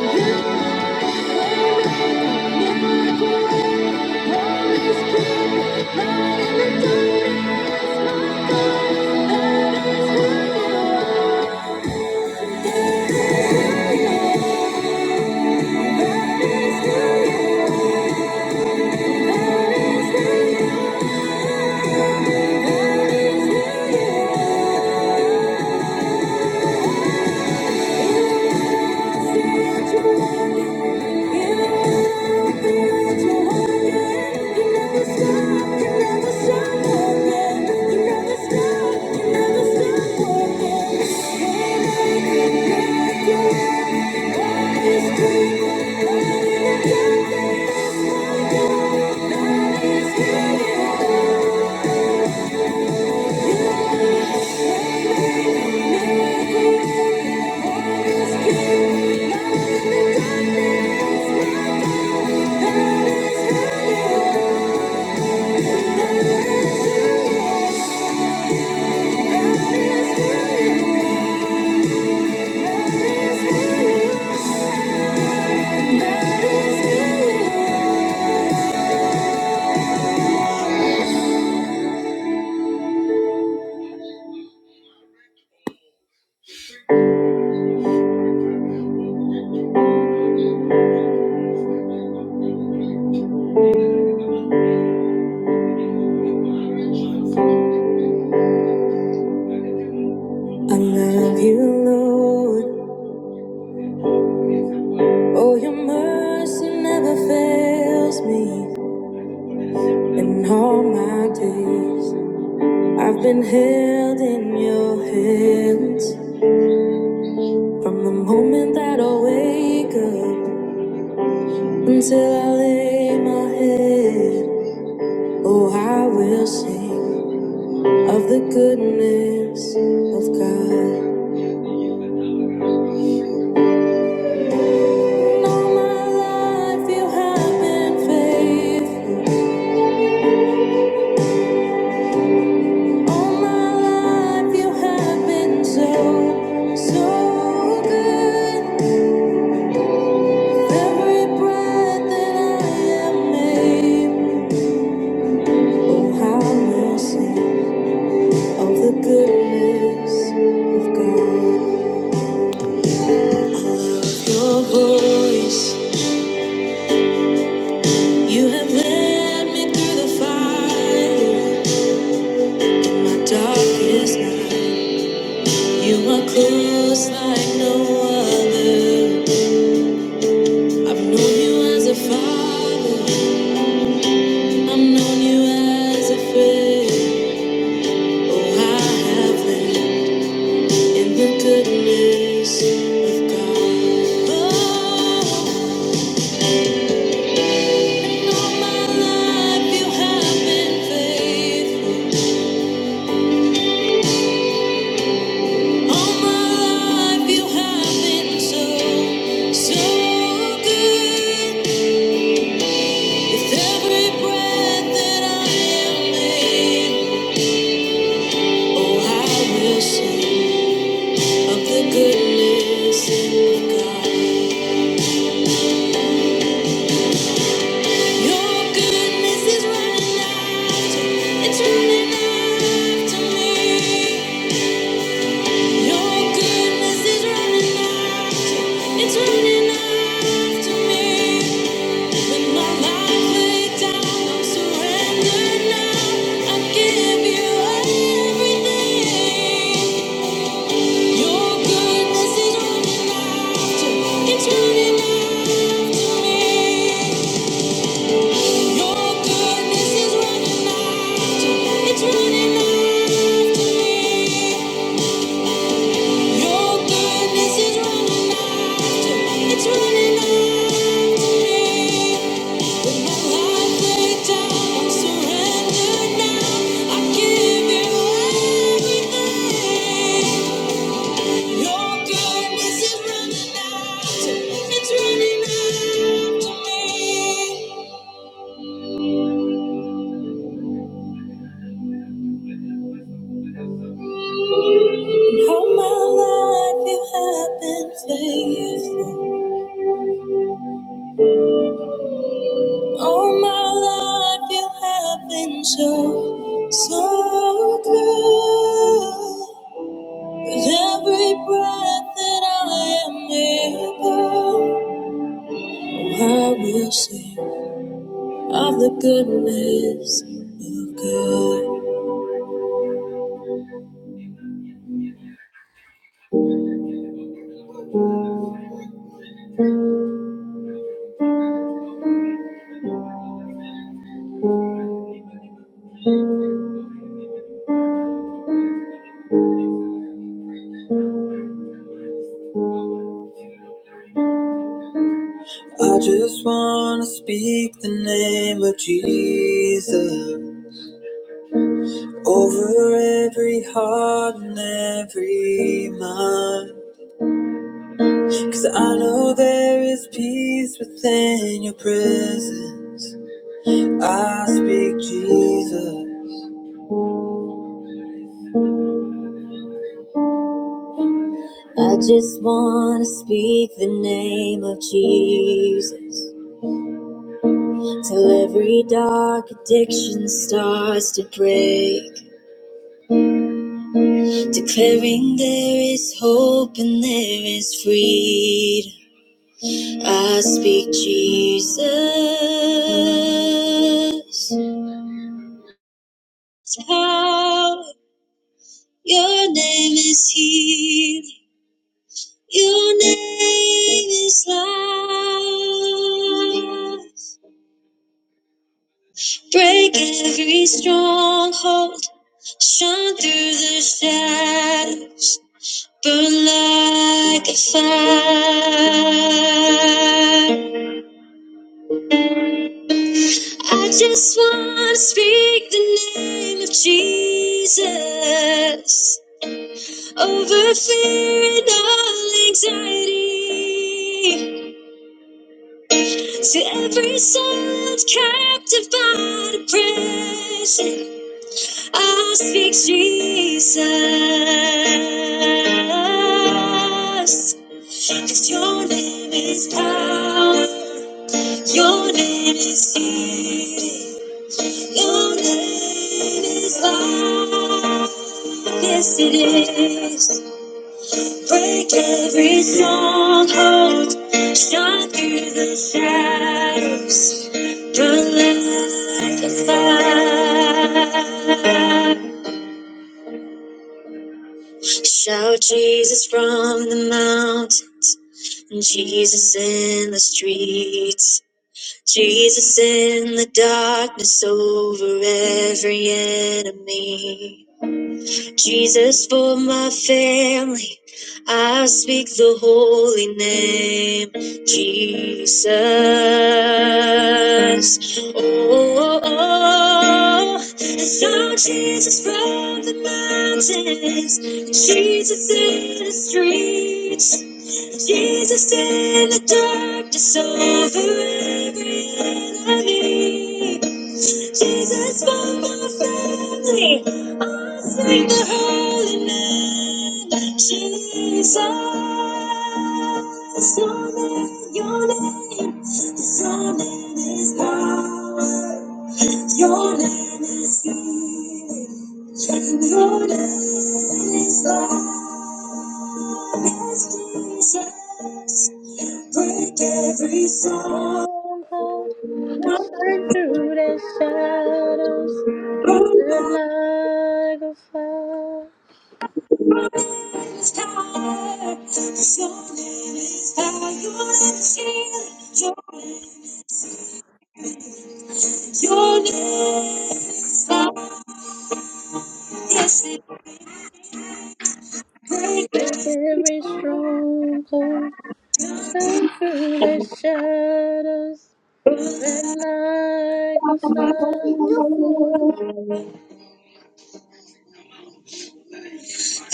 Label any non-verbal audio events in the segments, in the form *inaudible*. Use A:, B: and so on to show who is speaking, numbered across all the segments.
A: Thank you. Thank you. Thank you. I love you, Lord. Oh, your mercy never fails me. In all my days, I've been held in your hands. From the moment that I wake up until I lay my head, oh, I will sing of the goodness of God. all my life you have been faithful. All my life you have been so, so good. With every breath that I am made, oh, I will sing. of the goodness of God. With Your voice, you have led me through the fire in my darkest night. You are close like no other. I've known you as a father, I've known you as a friend. Oh, I have lived in the goodness of God. Oh, It's running out to me. Your goodness is running after, it's running after me. When my life laid down, I'm now. I give you everything. Your goodness is running after, it's running after me. Your goodness is running after, it's running after me. Your goodness is running after, it's running after me. When my life laid down, I'm now. I give you everything. Your goodness is running after, it's running after me. And all my life you have been faithful. All my life you have been so, so good. With every breath that I am able, I will sing of the goodness of God. I just wanna speak the name of Jesus over every heart and every mind. Cause I know there is peace within your presence. I speak Jesus. I just want to speak the name of Jesus. Till every dark addiction starts to break. Declaring there is hope and there is freedom. I speak Jesus. power, your name is healed. Your name is love. Break every stronghold, shine through the shadows, burn like a fire. I just want to speak the name of Jesus over fear and all anxiety. To every soul captive by depression, I speak Jesus. 'Cause your name is power, your name is healing, your name is life. Yes, it is. Break every stronghold, shine through the shadows, burn like a fire. Shout Jesus from the mountains, Jesus in the streets, Jesus in the darkness over every enemy. Jesus, for my family, I speak the holy name, Jesus. Oh, oh, oh. I saw Jesus from the mountains, Jesus in the streets, Jesus in the darkness over every enemy. Jesus for my family. I sing the holy name. Jesus, your name, your name, Yes, your name is power. Your name is healing. Your name is love. Yes, Jesus, break every song.
B: Lord, shine through the shadows, and like a fire,
A: Time. So name is You're Your name is how yes it
B: break
A: breaks.
B: every stronghold. Shine through the shadows, and like a fire,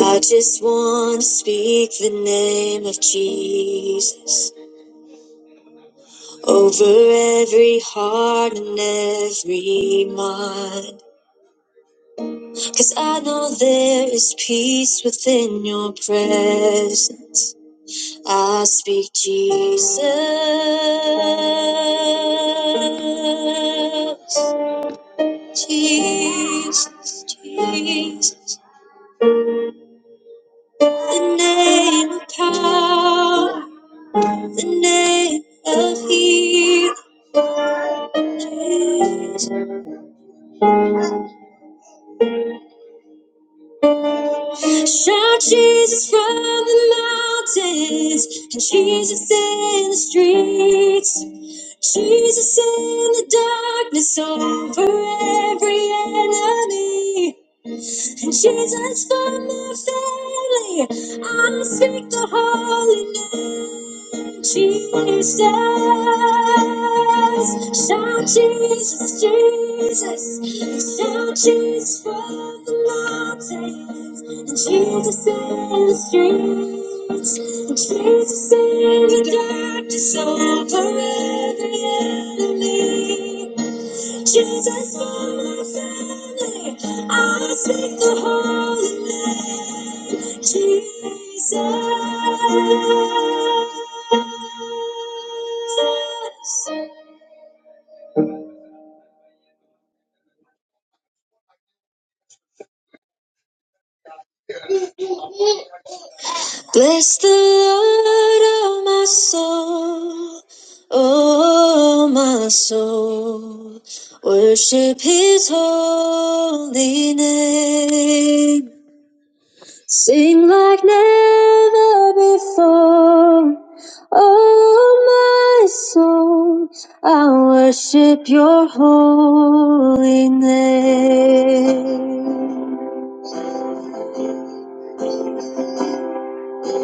A: I just want to speak the name of Jesus over every heart and every mind. Cause I know there is peace within your presence. I speak Jesus, Jesus, Jesus, the name of power, the name of healing. Jesus. Shout Jesus from the mountains, and Jesus in the streets. Jesus in the darkness over every enemy. Jesus for my family, I speak the holy name, Jesus. Shout Jesus, Jesus. Shout Jesus from the mountains. And Jesus in the streets. And Jesus in the darkness over every enemy. Jesus for my family. I speak the holy name, Jesus. Bless the Lord, oh my soul, oh my soul. Worship His holy name. Sing like never before. Oh, my soul, I worship your holy name.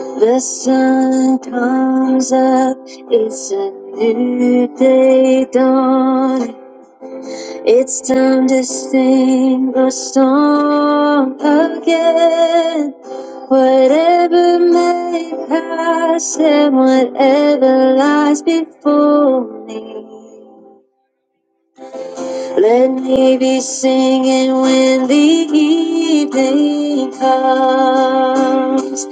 A: The sun comes up, it's a new day dawn. It's time to sing a song again. Whatever may pass and whatever lies before me. Let me be singing when the evening comes.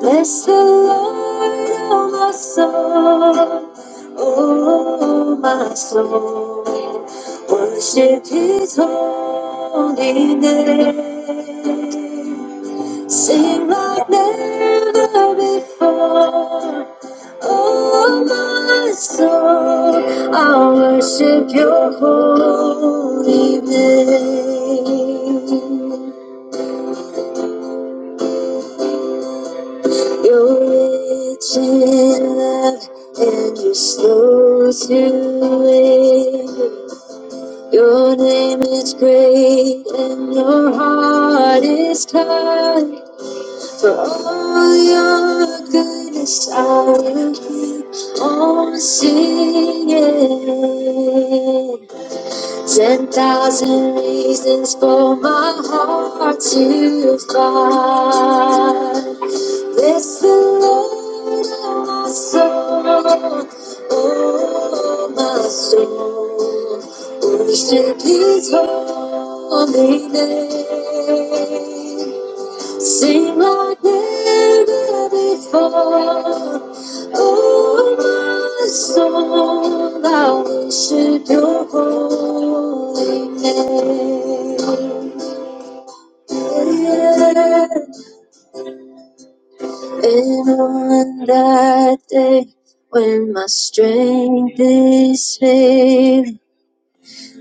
A: Bless the Lord, oh my soul, oh my soul. Worship His holy name. Sing like never before. Oh, my soul, I worship your holy name. You're rich in love and you're slow to anger. Your name is great and your heart is kind. For all your goodness, I will keep on singing. Ten thousand reasons for my heart to find. Bless the Lord, oh my soul, oh my soul. Worship His holy name. Sing like never before. Oh, my soul, I worship your holy name. And on that day when my strength is failing,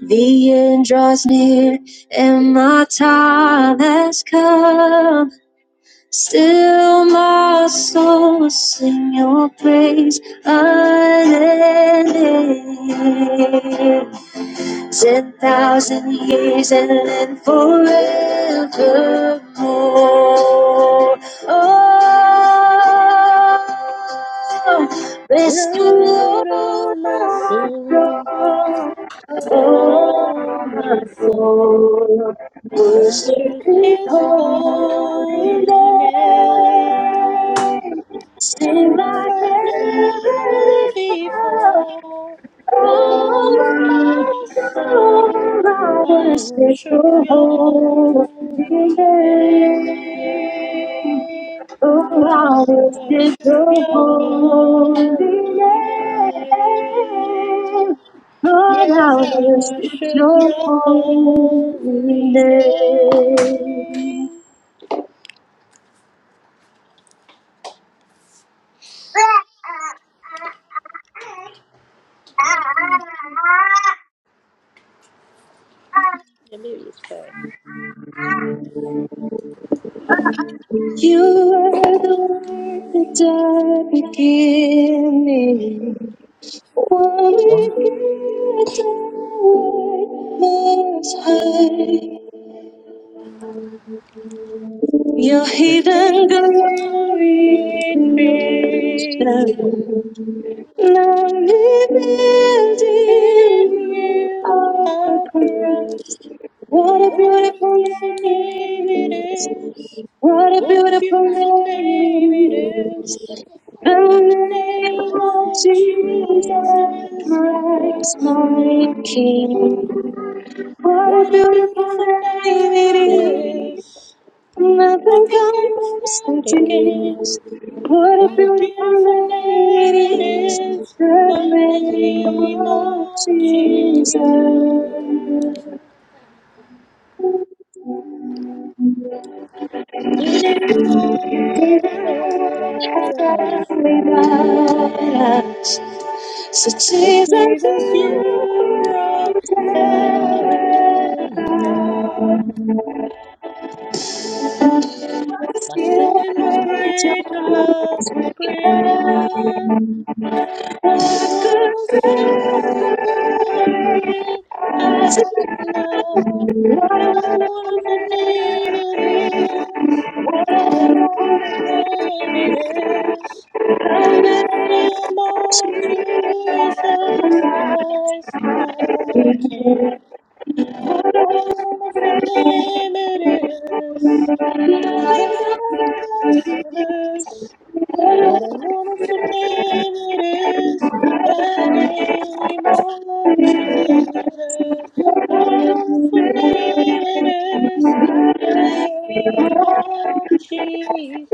A: the end draws near and my time has come. Still, my soul will sing your praise unending. Ten thousand years and then forevermore. Oh, Restore my
B: Lord, oh my soul,
A: soul. Oh,
B: oh
A: my
B: my soul,
A: soul. Worship
B: worship
A: His
B: His
A: holy
B: holy name.
A: name. Sing like
B: like never
A: every cloud.
B: before.
A: Oh,
B: Oh, my
A: my soul.
B: soul,
A: I
B: I
A: worship
B: worship
A: Your
B: your
A: holy
B: holy
A: name.
B: name.
A: Oh, how is it
B: Worship
A: the
B: your
A: holy
B: holy
A: name?
B: name.
A: Lord,
B: Yes,
A: how
B: I
A: is it
B: worship
A: your
B: your
A: holy
B: holy name.
A: name?
B: Yeah, maybe it's back.
A: You were the word that died beginning. One with the light most high. Your hidden
B: Living
A: glory
B: in
A: creation.
B: creation.
A: Now revealed
B: In
A: in you
B: you
A: are
B: I trust.
A: Christ. What a
B: What a
A: beautiful
B: beautiful
A: name
B: name it
A: it is.
B: is.
A: What a
B: What a
A: beautiful
B: beautiful
A: name
B: name it
A: it is.
B: is. In
A: The
B: the
A: name
B: name
A: of
B: of
A: Jesus,
B: Jesus
A: Christ,
B: Christ,
A: my
B: my
A: King.
B: King.
A: What a
B: What a
A: beautiful
B: beautiful
A: name
B: name
A: it is.
B: it is. I
A: Nothing
B: think I will
A: compares to
B: stand again.
A: this. What a
B: What a
A: beautiful
B: beautiful
A: name
B: name
A: it is.
B: it is,
A: The
B: the
A: name
B: name
A: of
B: of
A: Jesus.
B: Jesus. In it all the blood of us.
A: So
B: With
A: Jesus, I
B: Jesus you brought heaven down. My
A: still
B: sin was
A: praise your
B: great, your love was greater.
A: name. I
B: What was
A: could
B: gathering
A: How sweet
B: at love? What a wonderful name it is. What a wonderful name it is. The name of Jesus Christ, my King. What a wonderful name it is. Nothing compares to this. What a wonderful name it is, the name of Jesus. What a wonderful name it is, the name of Jesus.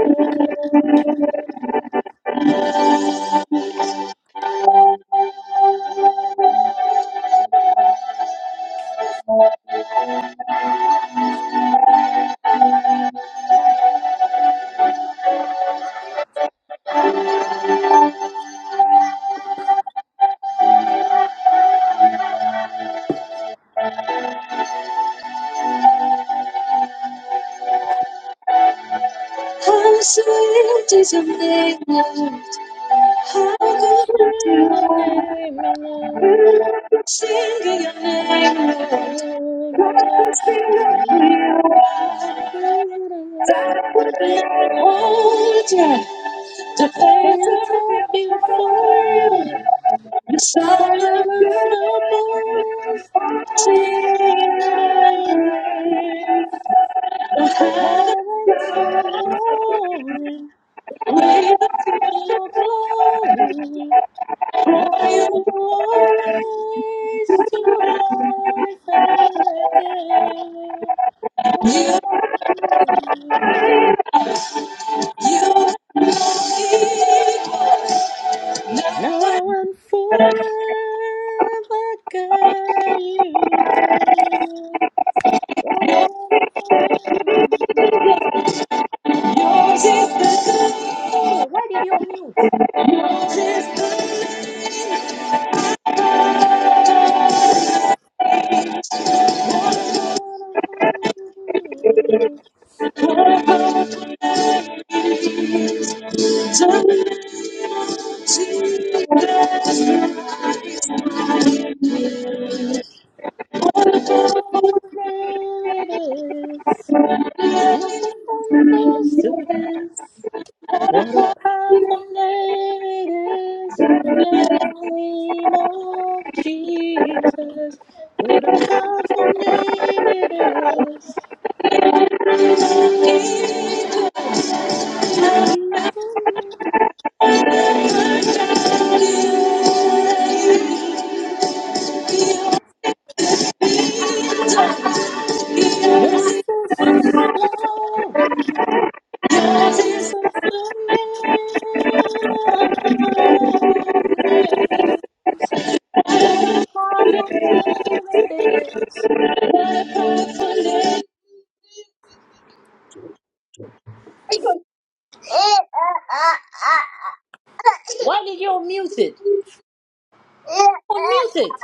A: is your midnight? How
B: Oh,
A: good you
B: spirit of
A: are.
B: name, we love.
A: Singing your name, Lord.
B: Lord, we
A: What you,
B: worship you.
A: are,
B: Lord, we worship
A: That
B: you.
A: would Hold your the
B: And
A: pains
B: feel
A: of
B: top before
A: your life.
B: you.
A: The silent
B: Silent
A: river
B: steppers of sin and grace,
A: I had
B: reverence alone,
A: a
B: the
A: way for
B: praise of your glory. Now
A: you.
B: you are raised to life again. What a fountain.
A: You,
B: Now and forever, God, you reign. What a wonderful name.
A: yours is the,
B: Hey, why did you mute?
A: yours is the time.
B: Oh, so there it is. Nothing compares to this. What a powerful name it is. In the name of Jesus. What a powerful name it is. In the name of Jesus, Yes, it's the glory. Jesus, the name of the What a powerful name it is. Why did you unmute it? Unmute it.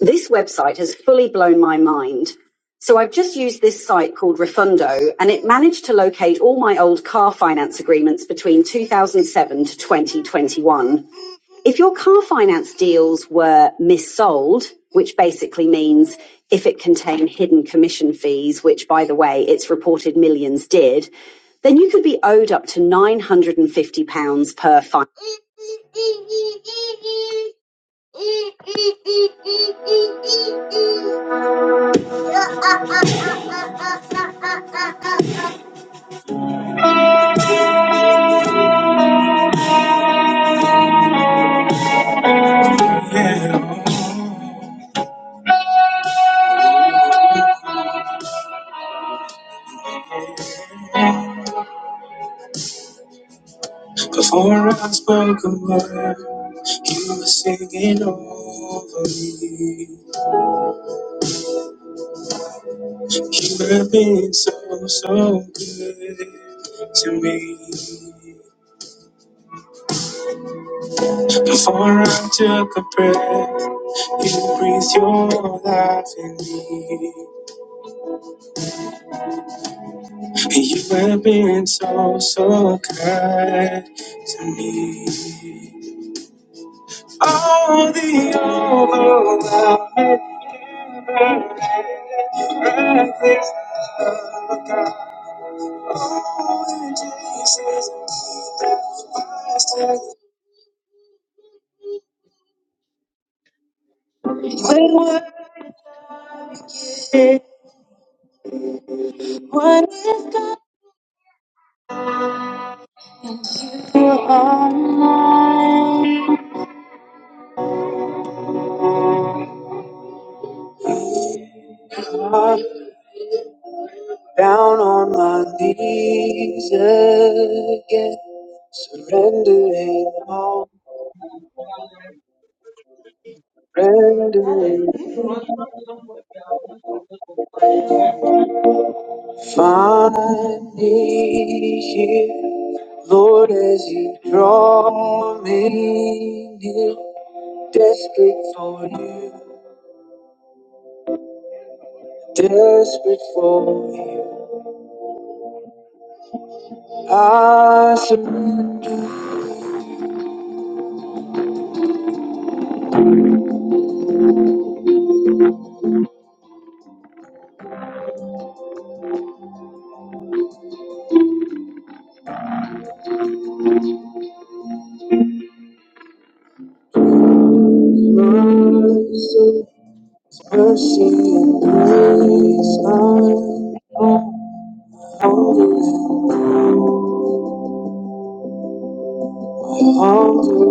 A: This website has fully blown my mind. So I've just used this site called Refundo and it managed to locate all my old car finance agreements between 2007 to 2021. If your car finance deals were missold, which basically means if it contained hidden commission fees, which by the way, it's reported millions did, then you could be owed up to £950 per fine. *laughs* Yeah. Before I spoke a word, you were singing over me. You have been so, so good to me. Before I took a breath, you breathed your life in me. And you have been so, so good. What it what I
C: Dale, disfruta, por favor, que ahora estamos con Paelo
A: find me here. Lord, as you draw me near, desperate for you, desperate for you, I surrender, so hunger.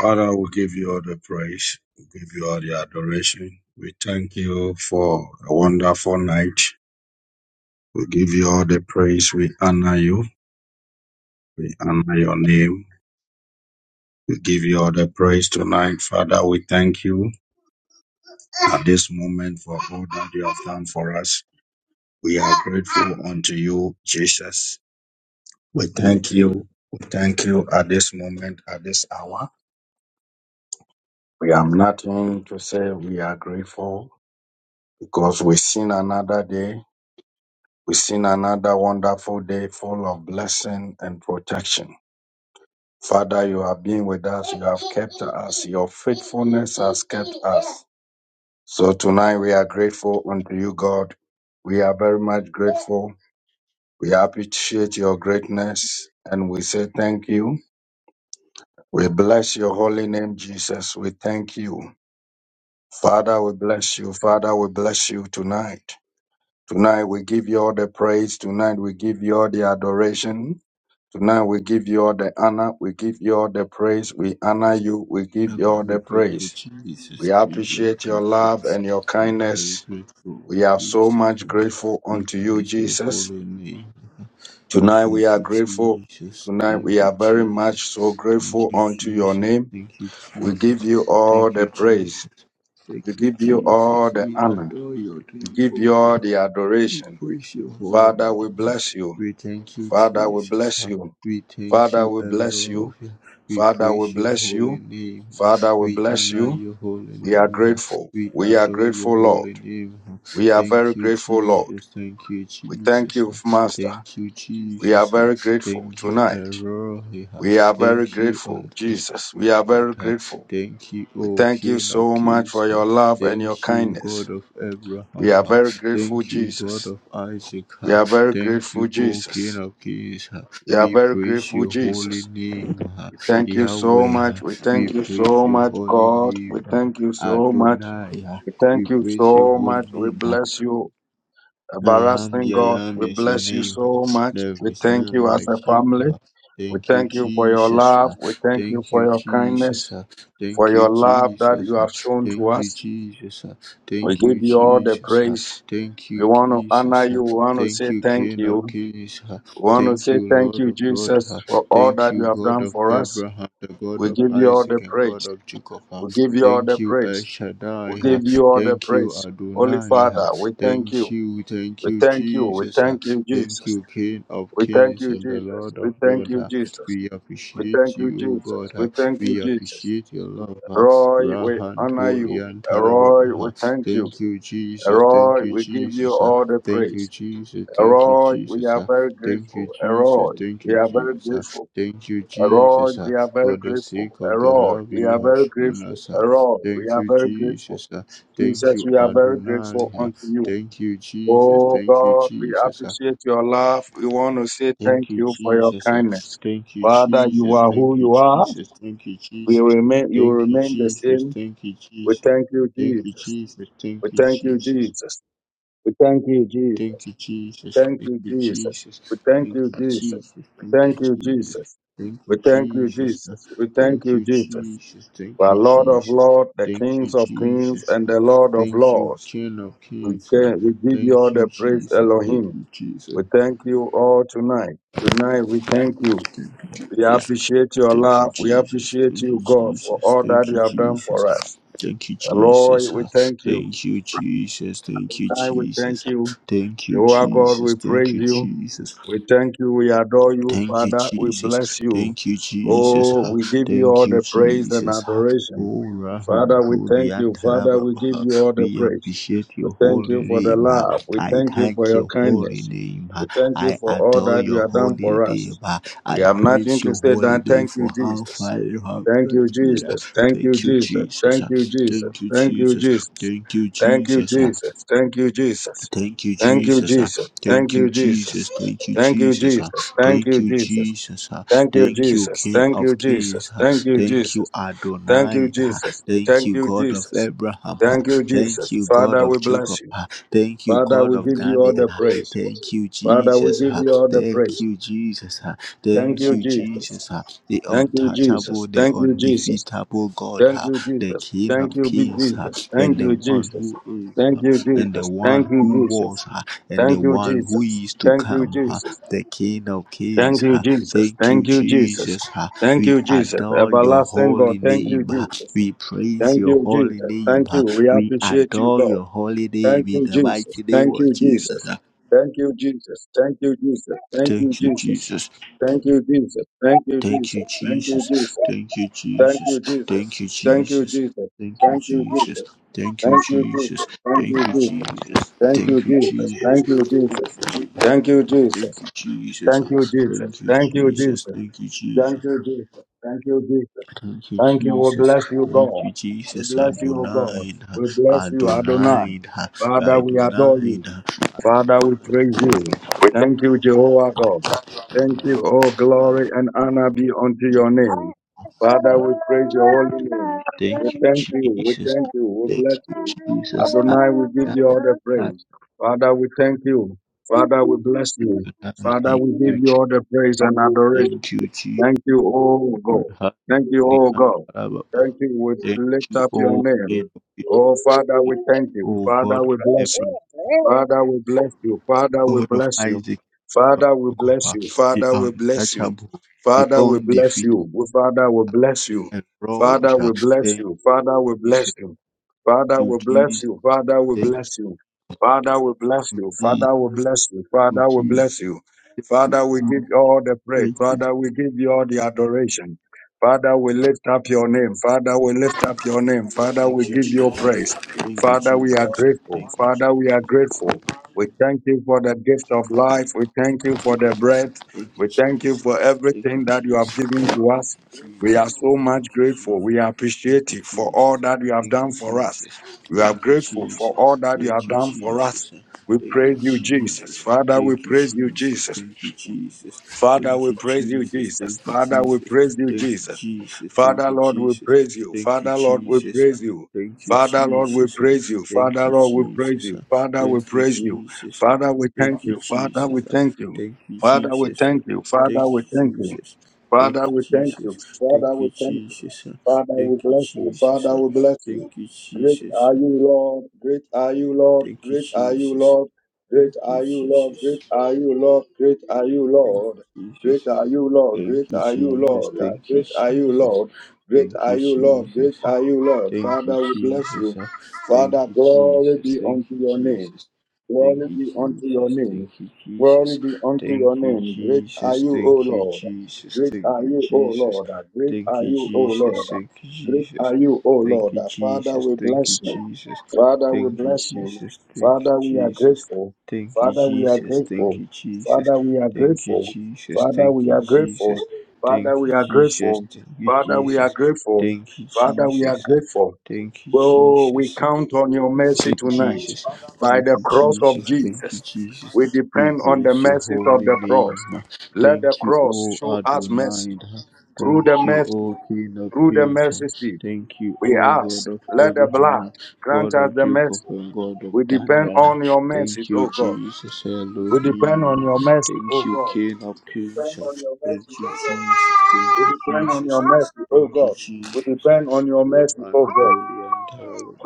A: Father, we give you all the praise, we give you all the adoration. We thank you for a wonderful night. We give you all the praise, we honor you, we honor your name. We give you all the praise tonight, Father. We thank you at this moment for all that you have done for us. We are grateful unto you, Jesus. We thank you. We thank you at this moment, at this hour. We have nothing to say. We are grateful because we've seen another day. We've seen another wonderful day full of blessing and protection. Father, you have been with us. You have kept us. Your faithfulness has kept us. So tonight we are grateful unto you, God. We are very much grateful. We appreciate your greatness and we say thank you. We bless your holy name, Jesus. We thank you. Father, we bless you. Father, we bless you tonight. Tonight, we give you all the praise. Tonight, we give you all the adoration. Tonight, we give you all the honor. We give you all the praise. We honor you. We give
D: We are
A: you all
D: very
A: the
D: grateful,
A: praise.
D: Jesus.
A: We
D: We are very
A: appreciate your
D: grateful.
A: love and your
D: We are very
A: kindness.
D: grateful,
A: We are so
D: Jesus.
A: much grateful
D: We
A: unto you,
D: bless your
A: Jesus.
D: holy name. We
A: Tonight, we
D: thank
A: are
D: you,
A: grateful.
D: Jesus.
A: Tonight, we
D: Thank you,
A: are very much so
D: Jesus. Thank
A: grateful
D: you,
A: unto your
D: Jesus.
A: name.
D: Thank you,
A: We
D: Jesus.
A: give you all
D: Thank
A: the
D: you,
A: praise.
D: Jesus.
A: We
D: Thank you,
A: give you all
D: Jesus.
A: the
D: We
A: honor.
D: adore your
A: We
D: name,
A: give
D: O
A: you all
D: God.
A: the
D: We
A: adoration.
D: praise your holy
A: Father, we
D: name.
A: bless you.
D: We thank you,
A: Father, we
D: Jesus.
A: bless you.
D: We thank
A: Father,
D: you,
A: we bless you.
D: Lord. We
A: Father, we
D: praise your
A: bless
D: holy
A: you.
D: name.
A: Father, we
D: We
A: bless
D: honor
A: you.
D: your holy
A: We are
D: name.
A: grateful.
D: We
A: We are
D: adore your
A: grateful,
D: holy
A: Lord.
D: name.
A: We are very
D: Thank you,
A: grateful, Lord.
D: Jesus. Thank you,
A: We thank
D: Jesus.
A: you, Master.
D: Thank you,
A: We are
D: Jesus.
A: very grateful
D: Thank you,
A: tonight.
D: Lord.
A: We are very
D: Thank you,
A: grateful, Jesus.
D: untouchable
A: We are very
D: God.
A: grateful.
D: Thank you,
A: We
D: O
A: thank you
D: King of
A: so much
D: Kings.
A: for your love and your
D: Thank you,
A: kindness.
D: God of
A: We
D: Abraham.
A: are very grateful,
D: Thank you, God
A: Jesus.
D: of Isaac.
A: We
D: uh,
A: are very
D: Thank
A: grateful,
D: you, O King
A: Jesus.
D: of Kings. uh,
A: We are
D: We
A: very
D: praise
A: grateful,
D: your holy
A: Jesus.
D: name, uh,
A: We thank you so
D: Yahweh.
A: much.
D: uh,
A: We
D: We
A: thank you
D: praise
A: so
D: your
A: much,
D: holy
A: God.
D: name,
A: We
D: uh,
A: thank you so much.
D: Adonai. uh,
A: We
D: We
A: thank you
D: praise your
A: so
D: holy
A: much. We
D: name. uh,
A: bless you,
D: I am
A: everlasting
D: the
A: God.
D: I am
A: We
D: is your
A: bless you
D: name.
A: so much.
D: There
A: We
D: is
A: thank
D: none
A: you as a
D: like you.
A: family. We
D: Thank you,
A: thank you for your
D: Jesus.
A: love. We thank you
D: Thank
A: for
D: you,
A: your
D: Jesus.
A: kindness, for
D: Thank you,
A: your love that
D: Jesus.
A: you have shown to
D: Thank you,
A: us.
D: Jesus.
A: We
D: Thank
A: give
D: you,
A: you all the
D: Jesus.
A: praise.
D: Thank you,
A: We want to honor
D: Jesus.
A: you. We want to
D: Thank
A: say
D: you,
A: thank
D: King of
A: you.
D: Kings.
A: We want to
D: Thank
A: say
D: you,
A: thank
D: Lord
A: you,
D: of Lords.
A: Jesus, for all
D: Thank
A: that
D: you,
A: you have
D: God
A: done
D: of
A: for us.
D: Abraham, the God
A: We
D: of
A: give you all
D: Isaac,
A: the
D: and
A: praise.
D: God of Jacob.
A: We give you all the
D: Thank you, El
A: praise. We give
D: Shaddai.
A: you all the
D: Thank you,
A: praise. Holy
D: Adonai.
A: Father, we thank
D: Thank
A: you.
D: you, thank
A: We
D: you,
A: thank you. We
D: Jesus. ah.
A: thank you,
D: Thank
A: Jesus.
D: you, King of
A: We thank
D: Kings
A: you,
D: and the
A: Jesus.
D: Lord
A: We
D: of
A: thank
D: Lords.
A: you,
D: ah.
A: Jesus.
D: We
A: We thank
D: appreciate
A: you,
D: you, O
A: Jesus.
D: God. ah.
A: We thank you,
D: We
A: Jesus.
D: appreciate your love. ah.
A: Roy, we
D: Rahant
A: honor you.
D: Holian Talababa.
A: Roy, we
D: ah.
A: thank you.
D: Thank you, Jesus. Thank
A: Roy,
D: you,
A: we give you
D: Jesus. ah.
A: all the
D: Thank you,
A: praise.
D: Jesus. Thank you,
A: Roy, we
D: Jesus.
A: are
D: ah.
A: very
D: Thank you,
A: grateful.
D: Jesus.
A: Roy,
D: Thank
A: we
D: you,
A: are very
D: Jesus. ah.
A: grateful.
D: Thank you, Jesus,
A: Lord,
D: ah,
A: we are very
D: for the
A: grateful.
D: sake
A: Eh,
D: of the
A: Lord,
D: love
A: we
D: you
A: are
D: have
A: very
D: shown
A: grateful.
D: us. ah.
A: Eh, Lord, we
D: Thank
A: are
D: you,
A: very grateful.
D: Jesus. ah. Thank
A: Jesus,
D: you,
A: we are very
D: Adonai.
A: grateful
D: ah.
A: unto you.
D: Thank you, Jesus.
A: Oh
D: Thank you,
A: God, we
D: Jesus. Uh,
A: appreciate your love. We want to say
D: Thank
A: thank
D: you,
A: you for your
D: Jesus. Uh,
A: kindness.
D: Thank you,
A: Father, you
D: Jesus.
A: are who
D: Thank you,
A: you are.
D: Jesus. Thank you,
A: We
D: Jesus.
A: remain, you
D: Thank you,
A: remain the
D: Jesus.
A: same.
D: Thank you,
A: We
D: Jesus.
A: thank you,
D: Thank you,
A: Jesus.
D: Jesus. Thank
A: We
D: you,
A: thank you,
D: Jesus.
A: Jesus. We thank you,
D: Thank
A: Jesus.
D: you,
A: We
D: Jesus.
A: thank
D: Thank
A: you,
D: you,
A: Jesus.
D: Jesus.
A: We thank
D: Thank
A: you,
D: you,
A: Jesus.
D: Jesus.
A: We
D: Thank you,
A: thank you,
D: Jesus.
A: Jesus.
D: Thank
A: We
D: you,
A: thank you,
D: Jesus. Uh,
A: Jesus. We thank
D: Thank
A: you,
D: you,
A: Jesus.
D: Jesus.
A: You
D: Thank
A: are
D: you,
A: Lord of
D: Jesus.
A: Lords, the
D: Thank you,
A: Kings of Kings,
D: Jesus.
A: and
D: Uh,
A: the Lord of
D: Thank you,
A: Lords.
D: King of
A: We,
D: Kings. Uh,
A: can, we give you all
D: Thank you,
A: the praise,
D: Jesus. Thank
A: Elohim.
D: you, Jesus.
A: We thank you all tonight. Tonight we thank you. We
D: Jesus.
A: appreciate your
D: Thank you,
A: love. We
D: Jesus.
A: appreciate
D: Thank you,
A: you, God, for
D: Jesus.
A: all that
D: Thank you,
A: you have done
D: Jesus.
A: for us.
D: Thank you,
A: Lord,
D: Jesus.
A: we
D: Ah,
A: thank you.
D: Thank you, Jesus. Thank you,
A: Tonight we
D: Jesus.
A: thank
D: Ah,
A: you.
D: Thank you,
A: You God,
D: Jesus.
A: we
D: Thank
A: praise
D: you,
A: you.
D: Jesus.
A: We thank you. We adore you,
D: Thank you,
A: Father. We
D: Jesus.
A: bless you.
D: Thank you, Jesus.
A: Oh,
D: Ha.
A: we give you
D: Thank
A: all
D: you,
A: the praise and
D: Jesus. Ha.
A: adoration.
D: Oh, Rahan,
A: Father, we
D: Holy
A: thank
D: and
A: you. Father, we
D: Halababa.
A: give
D: Ha.
A: you all the
D: We
A: praise.
D: appreciate
A: We
D: your
A: thank
D: holy
A: you for the
D: name. Ha.
A: love. We
D: I
A: thank you for
D: thank
A: your
D: your holy
A: kindness.
D: name. Ha.
A: We thank you
D: I
A: for all
D: adore
A: that you
D: your
A: have done
D: holy
A: for
D: name.
A: us.
D: Ha.
A: We
D: I
A: have nothing
D: praise
A: to
D: your
A: say
D: holy
A: than
D: name
A: thank
D: for
A: you,
D: how
A: Jesus.
D: far you have
A: Thank you,
D: brought me. Ha.
A: Jesus. Thank you,
D: Thank you,
A: Jesus.
D: Jesus.
A: Thank
D: Ha.
A: you, Jesus.
D: Thank you,
A: Thank you,
D: Jesus.
A: Jesus.
D: Thank you,
A: Thank you,
D: Jesus.
A: Jesus. Thank you, Jesus.
D: Thank you,
A: Thank you,
D: Jesus. ah.
A: Jesus. Thank
D: Thank you, Jesus. Thank you,
A: you,
D: Jesus.
A: Jesus.
D: ah.
A: Thank
D: Thank
A: you,
D: you,
A: Jesus.
D: Jesus. ah.
A: Thank you,
D: Thank you,
A: Jesus.
D: King
A: Thank you,
D: of Kings.
A: Jesus.
D: ah.
A: Thank you,
D: Thank you,
A: Jesus. Thank you, Jesus. Thank you,
D: Adonai. ah.
A: Jesus.
D: Thank
A: Thank
D: you,
A: you,
D: God of
A: Jesus.
D: Abraham. ah.
A: Thank you,
D: Thank
A: Jesus.
D: you, God
A: Father,
D: of
A: we
D: Jacob.
A: bless you.
D: ah. Thank you,
A: Father,
D: God
A: we
D: of
A: give you all
D: Daniel.
A: the
D: ah.
A: praise.
D: Thank you,
A: Father, we
D: Jesus.
A: give
D: ah.
A: you all the
D: Thank
A: praise.
D: you, Jesus. ah.
A: Thank
D: Thank
A: you,
D: you,
A: Jesus.
D: Jesus. ah. The
A: Thank you,
D: untouchable,
A: Jesus.
D: the
A: Thank you, Jesus.
D: undefeatable God,
A: Thank
D: ah.
A: you,
D: the
A: Jesus.
D: King
A: Thank
D: of
A: you, big
D: Kings, ah.
A: Jesus.
D: and
A: Thank
D: the
A: you,
D: one
A: Jesus.
D: who is. ah,
A: Thank you,
D: and the
A: Jesus. Thank
D: one
A: you,
D: who
A: Jesus.
D: was huh, and the
A: Thank you,
D: one who
A: Jesus.
D: is to
A: Thank you,
D: come, huh,
A: Jesus.
D: the King of Kings.
A: Thank you,
D: huh.
A: Jesus.
D: Thank you,
A: Thank you, Jesus.
D: Jesus. huh.
A: Thank
D: We
A: you, Jesus.
D: adore your
A: Everlasting God.
D: holy
A: Thank you,
D: name. huh.
A: Jesus.
D: We praise
A: Thank
D: your
A: you,
D: holy
A: Jesus.
D: name.
A: Thank
D: huh.
A: you. We
D: We
A: appreciate you,
D: adore
A: God.
D: your holy
A: Thank
D: name in
A: you,
D: the
A: Jesus.
D: mighty name
A: Thank
D: of
A: you,
D: Jesus.
A: Jesus.
D: huh.
A: Thank you, Jesus. Thank you, Jesus. Thank you,
D: Thank you,
A: Jesus.
D: Jesus.
A: Thank you, Jesus. Thank you,
D: Thank you,
A: Jesus. Thank you,
D: Jesus.
A: Jesus.
D: Thank you,
A: Thank
D: Jesus.
A: you,
D: Thank
A: Jesus.
D: you,
A: Thank you,
D: Jesus.
A: Jesus.
D: Thank you,
A: Thank you,
D: Jesus.
A: Jesus.
D: Thank you,
A: Thank you,
D: Jesus. Thank you,
A: Jesus.
D: Jesus.
A: Thank you,
D: Thank you,
A: Jesus.
D: Jesus.
A: Thank you, Jesus. Thank you, Jesus. Thank you,
D: Thank
A: Jesus.
D: you, Jesus.
A: Thank you, Jesus.
D: Thank you,
A: Thank you,
D: Jesus.
A: Jesus.
D: Thank you,
A: Thank
D: Jesus.
A: you, Jesus. Thank you, Jesus.
D: Thank you,
A: Thank you. We
D: Jesus.
A: bless you,
D: Thank
A: God.
D: you,
A: We
D: Jesus.
A: bless you, O God.
D: Adonai.
A: We bless you, Adonai.
D: Adonai.
A: Father, we adore
D: Adonai.
A: you. Father, we praise you.
D: We
A: Thank
D: thank
A: you, Jehovah God. Thank you. All glory and
D: Adonai.
A: honor be unto your name. Father, we praise your holy name. We
D: Thank you,
A: thank you. We
D: Jesus.
A: thank you. We
D: Thank
A: bless
D: you,
A: you.
D: Jesus.
A: Adonai, we give you all the
D: Adonai.
A: praise. Father, we thank you. Father, we bless you.
D: Adonai.
A: Father,
D: Thank
A: we
D: you,
A: give you
D: Jesus.
A: all the praise and adoration.
D: Thank you, Jesus.
A: Thank you, oh God.
D: Thank
A: Thank you, oh God. Thank you. We lift
D: you,
A: up your
D: oh, King
A: name.
D: of Kings.
A: Oh Father,
D: Thank
A: we thank
D: you,
A: you.
D: oh God,
A: Father,
D: of
A: we bless
D: Abraham.
A: you. Father, we bless you. Father, we
D: God of
A: bless you.
D: Isaac, God of
A: Father, we
D: Jacob,
A: bless
D: uh,
A: you.
D: the
A: Father, we bless you.
D: untouchable, the
A: Father, we bless
D: undefeated,
A: you. Father, we bless you.
D: the
A: Father,
D: erosion.
A: we bless
D: Thank
A: you. Father, we
D: you,
A: bless
D: Jesus.
A: you.
D: Thank
A: Father,
D: you,
A: we bless
D: Jesus.
A: you. Father, we
D: Thank
A: bless you. Father, we bless you. Father, we bless you.
D: you,
A: Father, we
D: Jesus.
A: bless you.
D: Thank
A: Father, we give you all the praise.
D: you, Jesus.
A: Father, we give you all the adoration. Father, we lift up your name. Father, we lift up your name.
D: Thank
A: Father,
D: you, Jesus.
A: we
D: Thank you, Jesus. Thank you,
A: give you
D: Jesus.
A: praise.
D: Thank you,
A: Father, we are
D: Jesus.
A: grateful.
D: Thank
A: Father,
D: you,
A: we are
D: Jesus.
A: grateful. We thank you for the gift of life. We thank you for the breath. We thank you for everything that you have given to us. We are so much grateful. We are appreciative for all that you have done for us. We are grateful for all that you have done for us. We praise you, Jesus. Father, we praise you, Jesus. Father, we praise you, Jesus. Father, we praise you, Jesus. Father, Lord, we praise you. Father, Lord, we praise you. Father, Lord, we praise you. Father, Lord, we praise you. Father, we praise you. Father, we thank you. Father, we thank you.
D: Thank you,
A: Father, we
D: Jesus.
A: thank you.
D: Thank
A: Father, we thank
D: you,
A: you.
D: Jesus. Thank
A: Father,
D: you,
A: we thank you.
D: Jesus. Thank
A: Father,
D: you,
A: we thank you.
D: Jesus.
A: Father,
D: Thank
A: we
D: you,
A: bless you.
D: Jesus.
A: Father, we bless
D: Thank
A: you.
D: you,
A: Great
D: Jesus.
A: are you, Lord. Great are you, Lord.
D: Thank you,
A: Great are you,
D: Jesus.
A: Lord.
D: Thank
A: Great
D: you,
A: are you, Lord. Great
D: Jesus.
A: are you, Lord. Great are you,
D: Thank
A: Lord.
D: you,
A: Great
D: Jesus.
A: are you, Lord.
D: Thank
A: Great
D: you,
A: are you,
D: Jesus.
A: Lord. Yeah,
D: Thank you,
A: Great are you,
D: Jesus.
A: Lord. Great
D: Thank
A: are
D: you,
A: you, Lord. Great
D: Jesus.
A: are you, Lord.
D: Thank you,
A: Father, we bless
D: Jesus.
A: you.
D: Thank
A: Father,
D: you,
A: glory
D: Jesus.
A: be
D: Thank
A: unto
D: you,
A: your name.
D: Jesus. Thank
A: Glory
D: you,
A: be unto your
D: Jesus. Thank
A: name.
D: you,
A: Glory
D: Jesus.
A: be unto your
D: Thank you,
A: name. Great are
D: Jesus.
A: you, O
D: Thank you,
A: Lord.
D: Jesus.
A: Great
D: Thank
A: are
D: you,
A: you, O
D: Jesus.
A: Lord. Great
D: Thank
A: are
D: you,
A: you, O Lord.
D: Jesus.
A: Great are you, O
D: Thank
A: Lord.
D: you,
A: Father,
D: Jesus.
A: we
D: Thank you,
A: bless you.
D: Jesus.
A: Father, we
D: Thank you,
A: bless you.
D: Jesus. Thank
A: Father,
D: you,
A: we are
D: Jesus.
A: grateful.
D: Thank you,
A: Father, we are
D: Jesus. Thank
A: grateful.
D: you, Jesus.
A: Father, we are
D: Thank you,
A: grateful.
D: Jesus.
A: Father, we are grateful. Father, we are grateful. Father, we are grateful.
D: Thank you,
A: Father, we are
D: Jesus.
A: grateful.
D: Thank you,
A: Well, we
D: Jesus.
A: count on your
D: Thank
A: mercy
D: you,
A: tonight.
D: Jesus.
A: By
D: Thank
A: the
D: you,
A: cross of
D: Jesus. Thank you,
A: Jesus, we
D: Jesus. We
A: depend on the
D: bless your
A: mercies of
D: holy
A: the cross.
D: name.
A: Let the
D: Thank you,
A: cross
D: O
A: show us
D: Adonai.
A: mercy. Through the
D: Thank you,
A: mercy,
D: O King of
A: through the
D: Kings.
A: mercy seat,
D: Thank you,
A: we
D: O God
A: ask,
D: of
A: let the
D: Abraham,
A: blood grant
D: God
A: us
D: of
A: the
D: Jacob,
A: mercy.
D: and God of
A: We depend
D: Daniel.
A: on your
D: Thank
A: mercies,
D: you,
A: oh God.
D: Jesus
A: We depend on
D: Elohim.
A: your mercy,
D: Thank
A: oh
D: you,
A: God.
D: King of
A: We
D: Kings.
A: depend on your mercy,
D: Thank you,
A: oh
D: Jesus.
A: God.
D: Thank
A: We
D: you,
A: depend on your
D: Jesus.
A: mercy, oh
D: Thank you,
A: God. We depend
D: Jesus.
A: on your
D: Your
A: mercy, oh
D: hand,
A: God.
D: holy and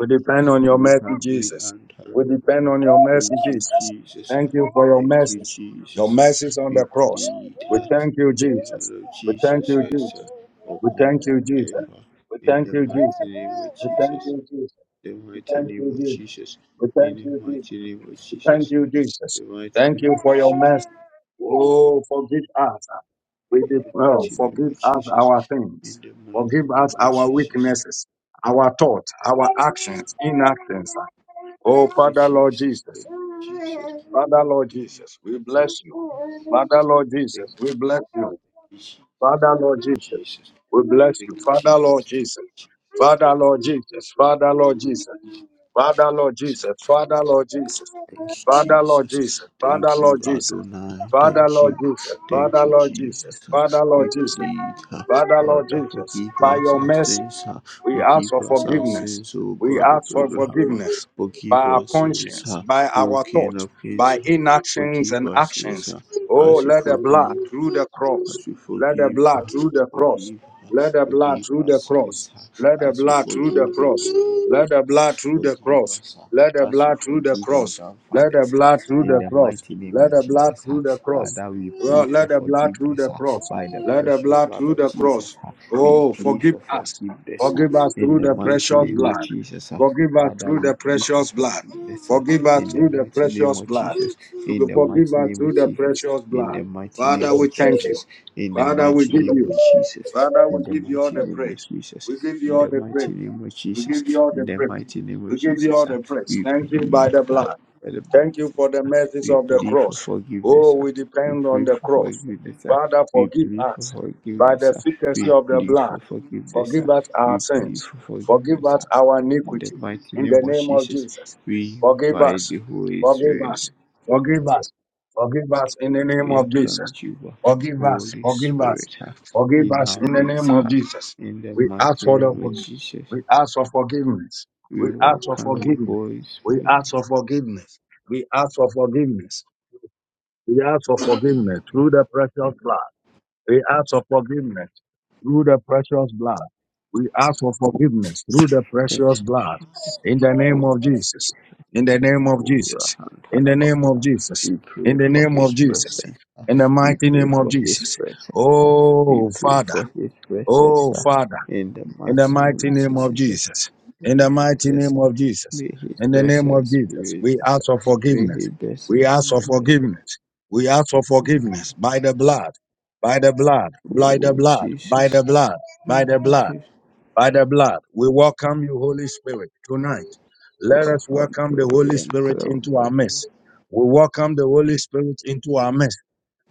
A: We depend on your
D: We
A: mercy,
D: humbly
A: Jesus.
D: and
A: We depend
D: humble.
A: on your mercy,
D: Thank you,
A: Jesus.
D: Jesus.
A: Thank you for your
D: Thank you,
A: mercies. Your
D: Jesus.
A: mercies on
D: We
A: the cross.
D: plead
A: We
D: uh,
A: thank you,
D: of the
A: Jesus.
D: blood of
A: We thank
D: Jesus
A: you, Jesus.
D: Christ uh,
A: We
D: upon
A: thank you,
D: earth
A: Jesus.
D: uh,
A: We
D: in
A: thank
D: the
A: you, Jesus.
D: mighty name of
A: We thank
D: Jesus.
A: you, Jesus.
D: The
A: We
D: mighty
A: thank
D: name
A: you,
D: of
A: Jesus.
D: Jesus.
A: We
D: In
A: thank
D: the
A: you, Jesus.
D: mighty name of
A: Thank
D: Jesus.
A: you,
D: The
A: Jesus.
D: mighty
A: Thank you
D: name of
A: for your
D: Jesus.
A: mercy. Oh, forgive us. We
D: In
A: did
D: the
A: well.
D: mighty name
A: Forgive
D: of
A: us
D: Jesus.
A: our
D: In
A: things.
D: the mighty
A: Forgive
D: name
A: us
D: of
A: our
D: Jesus.
A: weaknesses, our thoughts, our actions, inactions. Oh,
D: Thank you,
A: Father, Lord
D: Jesus.
A: Jesus.
D: Thank you, Jesus.
A: Father, Lord
D: Thank
A: Jesus, we
D: you, Jesus.
A: bless you.
D: Thank you,
A: Father,
D: Jesus.
A: Lord
D: Thank
A: Jesus, we bless you.
D: you, Jesus.
A: Father, Lord Jesus,
D: Jesus.
A: we bless
D: Thank
A: you.
D: you,
A: Father, Lord
D: Jesus.
A: Jesus.
D: Thank you,
A: Father, Lord
D: Jesus.
A: Jesus. Father,
D: Thank
A: Lord Jesus. Father, Lord Jesus. Father, Lord Jesus.
D: you,
A: Father, Lord Jesus.
D: Jesus.
A: Father,
D: Thank you,
A: Lord Jesus.
D: Adonai.
A: Father,
D: Thank
A: Lord
D: you.
A: Jesus.
D: Thank
A: Father,
D: you,
A: Lord Jesus.
D: Jesus.
A: Father,
D: We
A: Lord Jesus.
D: plead, uh,
A: Father, Lord
D: Father,
A: Jesus.
D: forgive
A: By
D: us
A: your
D: our
A: mercy,
D: sins. uh,
A: we ask
D: Forgive
A: for
D: us our
A: forgiveness.
D: sins, O
A: We
D: God of
A: ask for
D: Abraham. uh,
A: forgiveness by
D: Forgive
A: our
D: us sins,
A: conscience,
D: uh,
A: by
D: O
A: our
D: King
A: thought,
D: of Kings.
A: by
D: uh,
A: inactions
D: Forgive
A: and
D: us sins,
A: actions.
D: uh,
A: Oh,
D: as you
A: let the blood
D: forgive
A: through the cross.
D: as we
A: Let the
D: forgive
A: blood
D: her,
A: through the cross.
D: forgive her,
A: Let the blood
D: forgive
A: through
D: our
A: the cross.
D: sins,
A: Let the
D: as we
A: blood through the
D: forgive the
A: cross.
D: odious.
A: Let the blood through the
D: Forgive
A: cross.
D: us
A: Let
D: uh,
A: the
D: as we
A: blood through the
D: forgive our
A: cross. Let the
D: grandfathers uh,
A: blood through
D: in
A: the
D: the
A: cross.
D: mighty name
A: Let
D: of
A: the blood
D: Jesus. uh.
A: through the cross.
D: Father, we
A: Well,
D: plead for
A: let the blood through
D: forgiveness
A: the
D: uh,
A: cross.
D: by the
A: Let the
D: precious
A: blood
D: blood
A: through
D: of
A: the
D: Jesus.
A: cross.
D: uh. We
A: Oh,
D: plead
A: forgive
D: for
A: us.
D: forgiveness uh,
A: Forgive us
D: in
A: through
D: the
A: the
D: mighty
A: precious
D: name of
A: blood.
D: Jesus. uh.
A: Forgive us
D: Father,
A: through
D: we
A: the
D: plead
A: precious
D: for
A: blood.
D: forgiveness uh,
A: Forgive us
D: in the
A: through the
D: mighty name
A: precious
D: of
A: blood.
D: Jesus. In the
A: Forgive
D: mighty
A: us
D: name of
A: through the
D: Jesus.
A: precious
D: In
A: blood.
D: the mighty name
A: Father,
D: of
A: we thank you.
D: Jesus. In the
A: Father, we
D: mighty
A: give
D: name of
A: you.
D: Jesus.
A: Father,
D: In
A: we
D: the
A: give you all
D: mighty
A: the
D: name of
A: praise.
D: Jesus.
A: We give
D: In
A: you all
D: the
A: the
D: mighty
A: praise.
D: name of
A: We
D: Jesus.
A: give you all
D: In
A: the
D: the
A: praise.
D: mighty name of
A: We give you
D: Jesus,
A: all
D: ah,
A: the praise.
D: we
A: Thank you by
D: plead
A: the
D: ah,
A: blood.
D: for the
A: Thank you
D: Baptist.
A: for the
D: ah,
A: mercies
D: we
A: of the
D: plead for
A: cross.
D: forgiveness.
A: Oh,
D: ah,
A: we
D: we
A: depend on
D: plead
A: the
D: for
A: cross.
D: forgiveness. ah,
A: Father,
D: we
A: forgive
D: plead for
A: us by the
D: forgiveness. ah,
A: efficacy
D: we
A: of the
D: plead
A: blood.
D: for forgiveness.
A: Forgive
D: ah,
A: us our
D: we plead
A: sins.
D: for
A: Forgive
D: forgiveness.
A: us
D: ah.
A: our
D: in the
A: iniquity.
D: mighty
A: In
D: name
A: the
D: of
A: name of
D: Jesus,
A: Jesus.
D: we
A: Forgive
D: invite
A: us.
D: the Holy
A: Forgive
D: Spirit.
A: us. Forgive us. Forgive us in the name
D: We
A: of
D: welcome
A: Jesus.
D: you, ah,
A: Forgive us.
D: Holy
A: Forgive us.
D: Spirit, ah,
A: Forgive
D: in
A: us
D: our
A: in the name
D: midst.
A: of
D: ah.
A: Jesus.
D: in the
A: We ask
D: mighty
A: for the
D: name of
A: forgiveness.
D: Jesus,
A: We ask for forgiveness.
D: we
A: We ask for
D: welcome you,
A: forgiveness.
D: Holy
A: We
D: Spirit.
A: ask for forgiveness. We ask for forgiveness. We ask for forgiveness through the precious blood. We ask for forgiveness through the precious blood. We ask for forgiveness through the
D: Thank
A: precious
D: you.
A: blood. In the name of Jesus. In the name of Jesus. In the name of Jesus.
D: We
A: In
D: pray
A: the
D: for
A: name of
D: His
A: Jesus.
D: presence.
A: In the
D: We
A: mighty
D: pray
A: name of
D: for His
A: Jesus.
D: presence. uh, We
A: Oh,
D: pray
A: Father.
D: for His presence
A: Oh,
D: uh,
A: Father
D: in the
A: in the
D: mighty name
A: mighty
D: of
A: name of
D: Jesus. uh,
A: Jesus. In
D: May
A: the
D: His
A: mighty
D: presence,
A: name
D: uh,
A: of Jesus.
D: may His
A: In the name of
D: presence
A: Jesus.
D: be
A: We
D: with us.
A: ask
D: uh,
A: for
D: May
A: forgiveness.
D: His
A: We
D: presence
A: ask for
D: be with us. uh.
A: forgiveness. We ask for forgiveness by the blood, by the blood, by the
D: Oh
A: blood, by
D: Jesus,
A: the blood, by the blood,
D: Jesus,
A: by the blood. We welcome you, Holy Spirit, tonight. Let us welcome the
D: Rahandolia
A: Holy
D: and
A: Spirit into our
D: Baba.
A: midst. We welcome the Holy Spirit into our midst.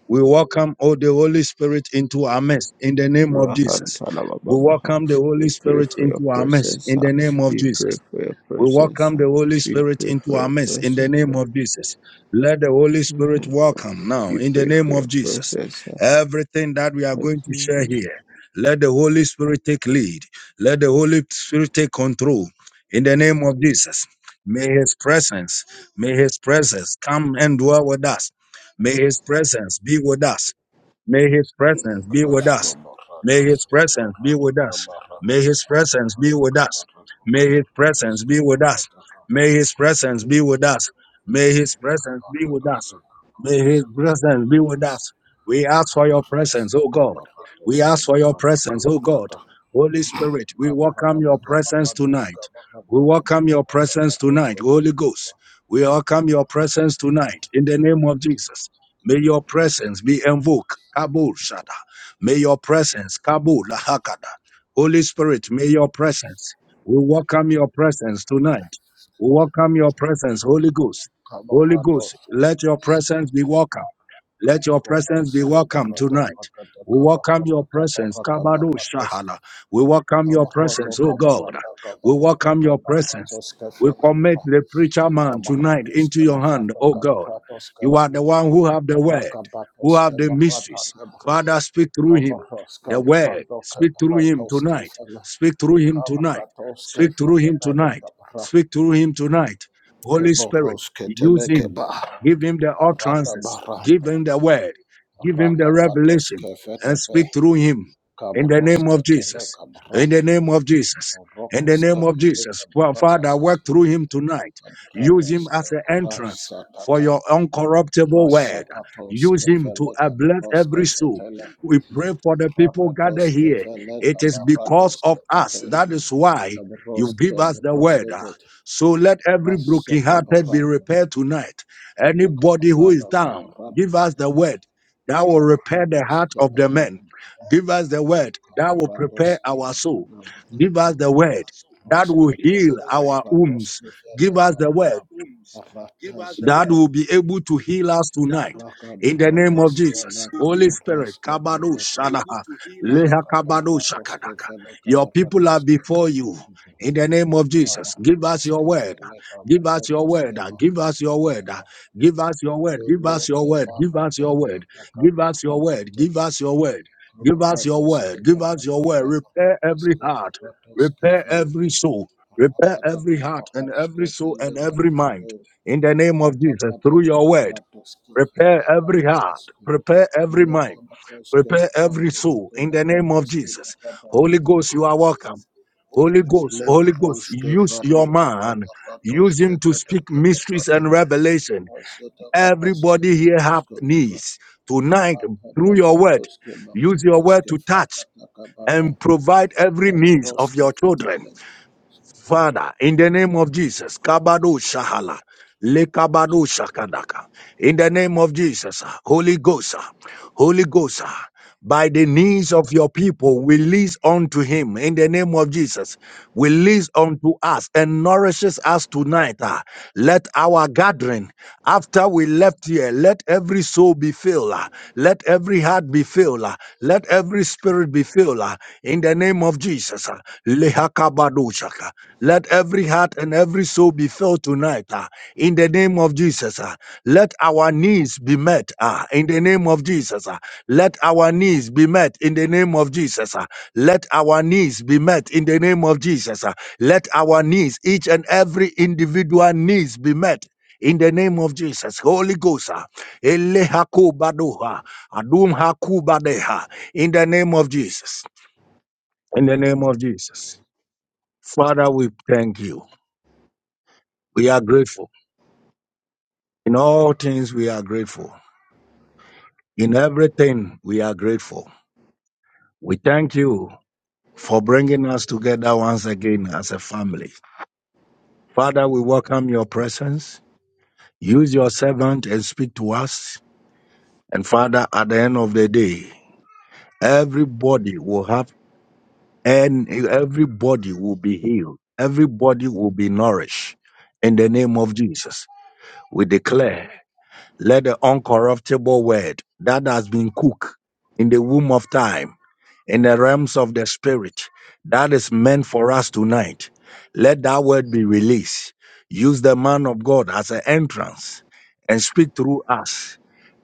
A: We welcome, oh, the Holy Spirit into our midst in the name of Jesus. We
D: Rahantalababaha.
A: welcome the Holy
D: We pray
A: Spirit
D: for your
A: into our midst
D: presence.
A: in the
D: ah.
A: name of
D: We
A: Jesus.
D: pray for your
A: We
D: presence.
A: welcome the
D: ah.
A: Holy
D: We
A: Spirit
D: pray
A: into
D: for
A: our
D: your
A: midst in the
D: presence.
A: name
D: ah.
A: of Jesus. Let the Holy Spirit
D: Mhm.
A: welcome now
D: We
A: in the
D: pray
A: name
D: for
A: of
D: your
A: Jesus.
D: presence.
A: Everything that we are going to share
D: ah.
A: here, let the Holy Spirit take lead. Let the Holy Spirit take control in the name of Jesus. May His presence, may His presence come and dwell with us. May His presence be with us. May his presence be with us. May
E: Cabarrados,
A: his
E: Rodos,
A: presence be with us.
E: Cabarrada,
A: May his presence be with us. May his presence be with us. May his presence be with us. May his presence be with us. May his presence be with us. We ask for your presence, O God. We ask for your presence, O God. Holy Spirit, we welcome your presence tonight. We welcome your presence tonight, Holy Ghost. We welcome your presence tonight in the name of Jesus. May your presence be invoked. Kabul Shada. May your presence. Kabul lahakada. Holy Spirit, may your presence. We welcome your presence tonight. We welcome your presence, Holy Ghost. Holy Ghost, let your presence be welcome. Let your presence be welcome tonight.
E: Pagada,
A: We welcome your
E: Cabarrada,
A: presence,
E: Cabarra,
A: Kabado
E: Cabarrados,
A: Shahala. We welcome your
E: Kabarato
A: presence, oh God.
E: kabarata
A: We
E: kabarato
A: welcome your presence.
E: kabaratos
A: We
E: kefeledra
A: commit the preacher man tonight
E: kabaratos
A: into your hand,
E: kebarato
A: oh God.
E: kabaratos
A: You are
E: kebra
A: the one who have the word,
E: rakabatos
A: who have the
E: kebarata
A: mysteries.
E: kebra
A: Father, speak through him.
E: kabaros
A: The word,
E: kabaranto
A: speak through him
E: kebaratos
A: tonight.
E: kefele
A: Speak through him tonight.
E: kabaratos
A: Speak through him
E: kefetele
A: tonight.
E: kabra
A: Speak through him tonight. Holy
E: keboros
A: Spirit,
E: ketele
A: use him
E: keba
A: Give him the
E: rata
A: utterances. Give
E: baranto
A: him the word. Give him the
E: rakabatos
A: revelation and
E: kefetepe
A: speak through him in the
E: kabros
A: name of
E: ketele
A: Jesus. In
E: kabrat
A: the name of Jesus. In
E: rokos
A: the name of
E: ketele
A: Jesus. Fa- Father,
E: kabrata
A: work through him tonight. Use him
E: Kabratoske
A: as an entrance for
E: Rasatata
A: your uncorruptible word. Use
E: Rasapatoske
A: him to
E: Veleka
A: uplift
E: Broske
A: every soul.
E: Fetele
A: We pray for the people gathered
E: Rakatoske
A: here.
E: Veleka
A: It is because of
E: Baratoske
A: us.
E: Pete
A: That is why you
E: Kabroske
A: give us the word.
E: Brosetet
A: So let every
E: Rasaka
A: brokenhearted be
E: Barato
A: repaired tonight.
E: Rasaka
A: Anybody who is
E: Barada
A: down, give us
E: Kabaratoske
A: the
E: Vele
A: word that will repair the heart
E: Kabaratoske
A: of the men.
E: Barato
A: Give us the word that will prepare
E: Kabaratoske
A: our soul.
E: Barada
A: Give
E: Bakano
A: us the word that will heal
E: Raskatele
A: our wounds.
E: Kabaratoske
A: Give us the word
E: Vele
A: that
E: Barada
A: will be able to heal us tonight.
E: Laka to,
A: In the name of
E: baradoske
A: Jesus,
E: laka
A: Holy Spirit,
E: barasko
A: Kabado
E: teleka
A: Shadaha, Leha
E: laka
A: Kabado
E: baratoske
A: Shakadaka.
E: feleka
A: Your people are
E: baratoske
A: before you.
E: baratoske
A: In the name of Jesus, give us your
E: baratoske
A: word.
E: feleka
A: Give us your
E: baratoske
A: word. Give us your word.
E: barakateba
A: Give us your word. Give
E: tolo
A: us your
E: te
A: word. Give us your
E: baratata
A: word.
E: baka
A: Give us your
E: barato
A: word.
E: te
A: Give
E: ba
A: us your word. Give us your
E: kabaratoske
A: word. Give us
E: barato
A: your word. Repair every
E: kabaratoske
A: heart.
E: baratoske
A: Repair
E: fele
A: every soul. Repair
E: rakata
A: every heart and
E: kabarasko
A: every soul
E: tele
A: and every mind
E: bakato
A: in the name of
E: Rata
A: Jesus, through your word,
E: baratoski
A: prepare
E: leka
A: every heart,
E: baraski
A: prepare every
E: leka
A: mind,
E: baraske
A: prepare every
E: barata
A: soul, in the name of
E: baratoski
A: Jesus.
E: barata
A: Holy Ghost, you are welcome.
E: Holy
A: Holy Ghost, Holy Ghost, use your
E: varita
A: man, use
E: kabaratoske
A: him to
E: tete
A: speak mysteries
E: kabarata
A: and revelation.
E: raseta baraske
A: Everybody here have
E: baraske bara
A: needs. Tonight, through your word,
E: kabatoske
A: use your word
E: baratoske
A: to touch
E: varata kabata
A: and provide every needs of
E: kabroske
A: your children
E: fetele.
A: Father, in the name of Jesus, Kabado Shahala, Le Kabado Shakadaka, in the name of Jesus, Holy Ghost, Holy Ghost, by the knees of your people, release unto him in the name of Jesus. Release unto us and nourishes us tonight. ah. Let our gathering brethren, after we left here, let every soul be filled. ah. Let every heart be filled. ah. Let every spirit be filled. ah. In the name of Jesus. ah. Lehakabadoshaka. Let every heart and every soul be filled tonight. ah. In the name of Jesus. ah. Let our needs be met. ah. In the name of Jesus. ah. Let our needs be met. In the name of Jesus. ah. Let our needs be met. In the name of Jesus. ah. Let our needs, each and every individual needs be met in the name of Jesus, Holy Ghost, ah, Elehakubadoha, Adumhakubadeha, in the name of Jesus, in the name of Jesus. Father, we thank you. We are grateful. In all things, we are grateful. In everything, we are grateful. We thank you for bringing us together once again as a family. Father, we welcome your presence. Use your servant and speak to us. And Father, at the end of the day, everybody will have and everybody will be healed. Everybody will be nourished in the name of Jesus. We declare, let the uncorruptible word that has been cooked in the womb of time, in the realms of the spirit, that is meant for us tonight, let that word be released. Use the man of God as an entrance and speak through us.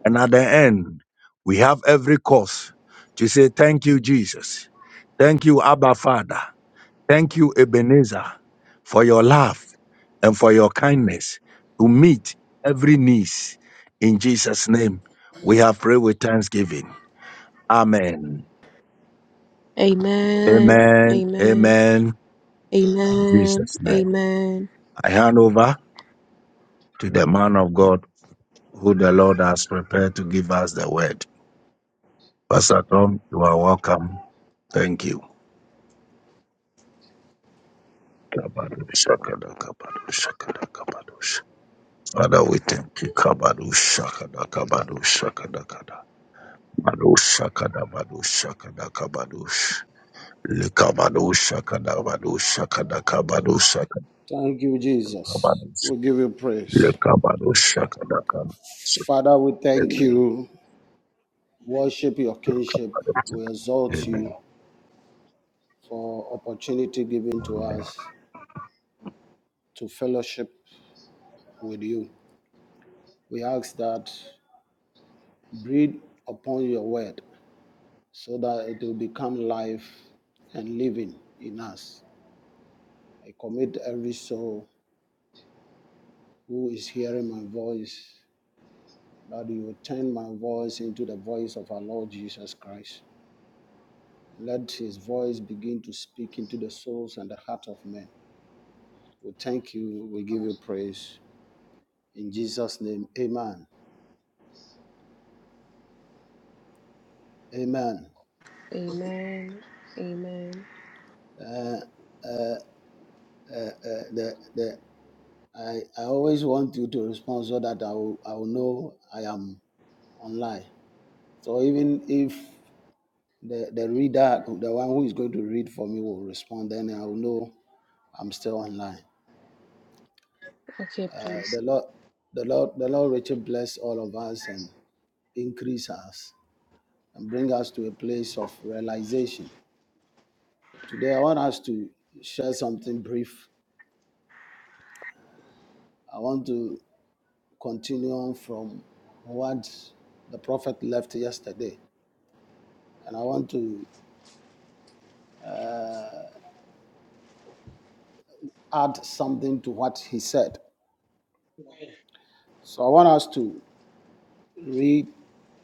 A: And at the end, we have every cause to say, Thank you, Jesus. Thank you, Abba Father. Thank you, Ebenezer, for your love and for your kindness to meet every need. In Jesus' name, we have prayed with thanksgiving. Amen.
F: Amen.
A: Amen.
F: Amen.
A: Amen. In
F: Amen.
A: Jesus' name.
F: Amen.
A: I hand over to the man of God who the Lord has prepared to give us the word. Pastor Tom, you are welcome. Thank you. Kabadu-shakada-kabadu-shakada-kabadush. Father, we thank you. Kabadu-shakada-kabadu-shakada-kabadush. Manush Shakada Manush Shakada Kabanush Likabanush Shakada Manush Shakada Kabanush Shakada
E: Thank you, Jesus.
A: Kabanush
E: We give you praise.
A: Likabanush Shakada Kabanush
E: Father, we thank
A: Amen.
E: you. worship your kingship. We exalt
A: Amen.
E: you for opportunity given to
A: Amen.
E: us to fellowship with you. We ask that breathe upon your word so that it will become life and living in us. I commit every soul who is hearing my voice that you will turn my voice into the voice of our Lord Jesus Christ. Let his voice begin to speak into the souls and the heart of men. We thank you. We give you praise. In Jesus' name, amen. Amen.
F: Amen. Amen.
E: Uh, uh, uh, the, the, I, I always want you to respond so that I will, I will know I am online. So even if the, the reader, the one who is going to read for me will respond, then I will know I'm still online.
F: Okay,
E: Uh,
F: please.
E: the Lord, the Lord, the Lord Richard bless all of us and increase us and bring us to a place of realization. Today I want us to share something brief. I want to continuing from what the prophet left yesterday. And I want to uh, add something to what he said. So I want us to read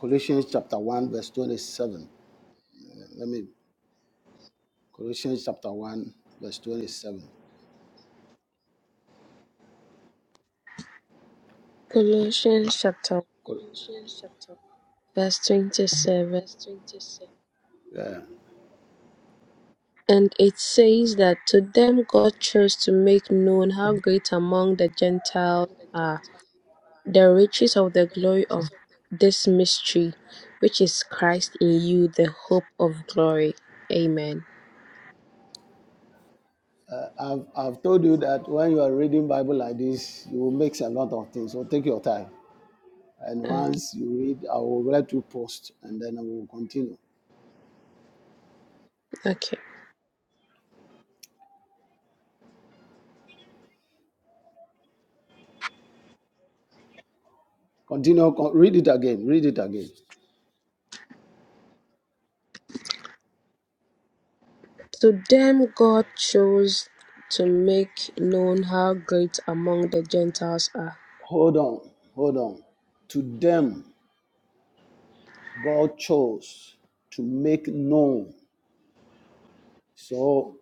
E: Colossians chapter 1, verse 27. Let me, Colossians chapter 1, verse 27.
F: Colossians chapter 1,
E: Colossians chapter.
F: verse 27.
E: yeah.
F: And it says that to them God chose to make known how great among the Gentiles are the riches of the glory of this mystery, which is Christ in you, the hope of glory. Amen.
E: Uh, I've, I've told you that when you are reading Bible like this, you will mix a lot of things. So take your time. And
F: Okay.
E: once you read, I will let you post and then I will continue.
F: okay.
E: Continue. con- Read it again. Read it again.
F: To them God chose to make known how great among the Gentiles are.
E: Hold on. Hold on. To them, God chose to make known. So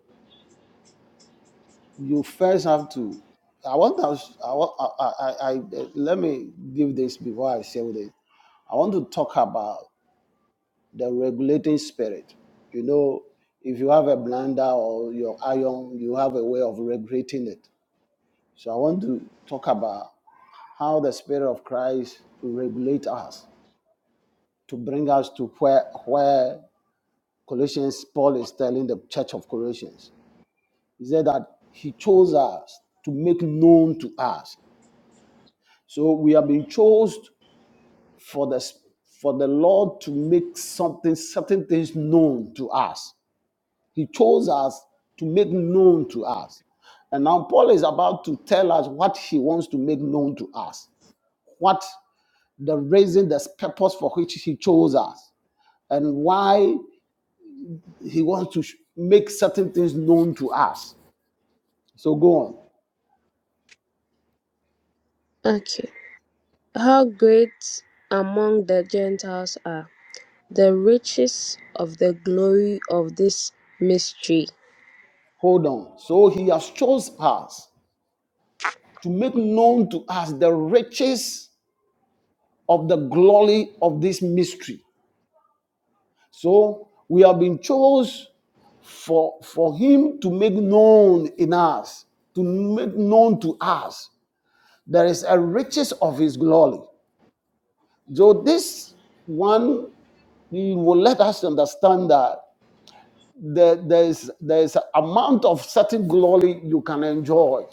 E: you first have to. I want us. I, want, I, I, I, I- let me give this before I say this. I want to talk about the regulating spirit. You know, if you have a blender or your iron, you have a way of regulating it. So I want to talk about how the spirit of Christ regulate us to bring us to where where Colossians Paul is telling the church of Colossians. He said that he chose us to make known to us. So we have been chosen for the for the Lord to make something certain things known to us. He chose us to make known to us. And now Paul is about to tell us what he wants to make known to us. What the reason, the purpose for which he chose us, and why he wants to sh- make certain things known to us. So go on,
F: Okay. How great among the Gentiles are the riches of the glory of this mystery,
E: hold on. So he has chose us to make known to us the riches of the glory of this mystery. So we have been chose for for him to make known in us, to make known to us. There is a riches of his glory. So this one will let us understand that there, there's there's amount of certain glory you can enjoy.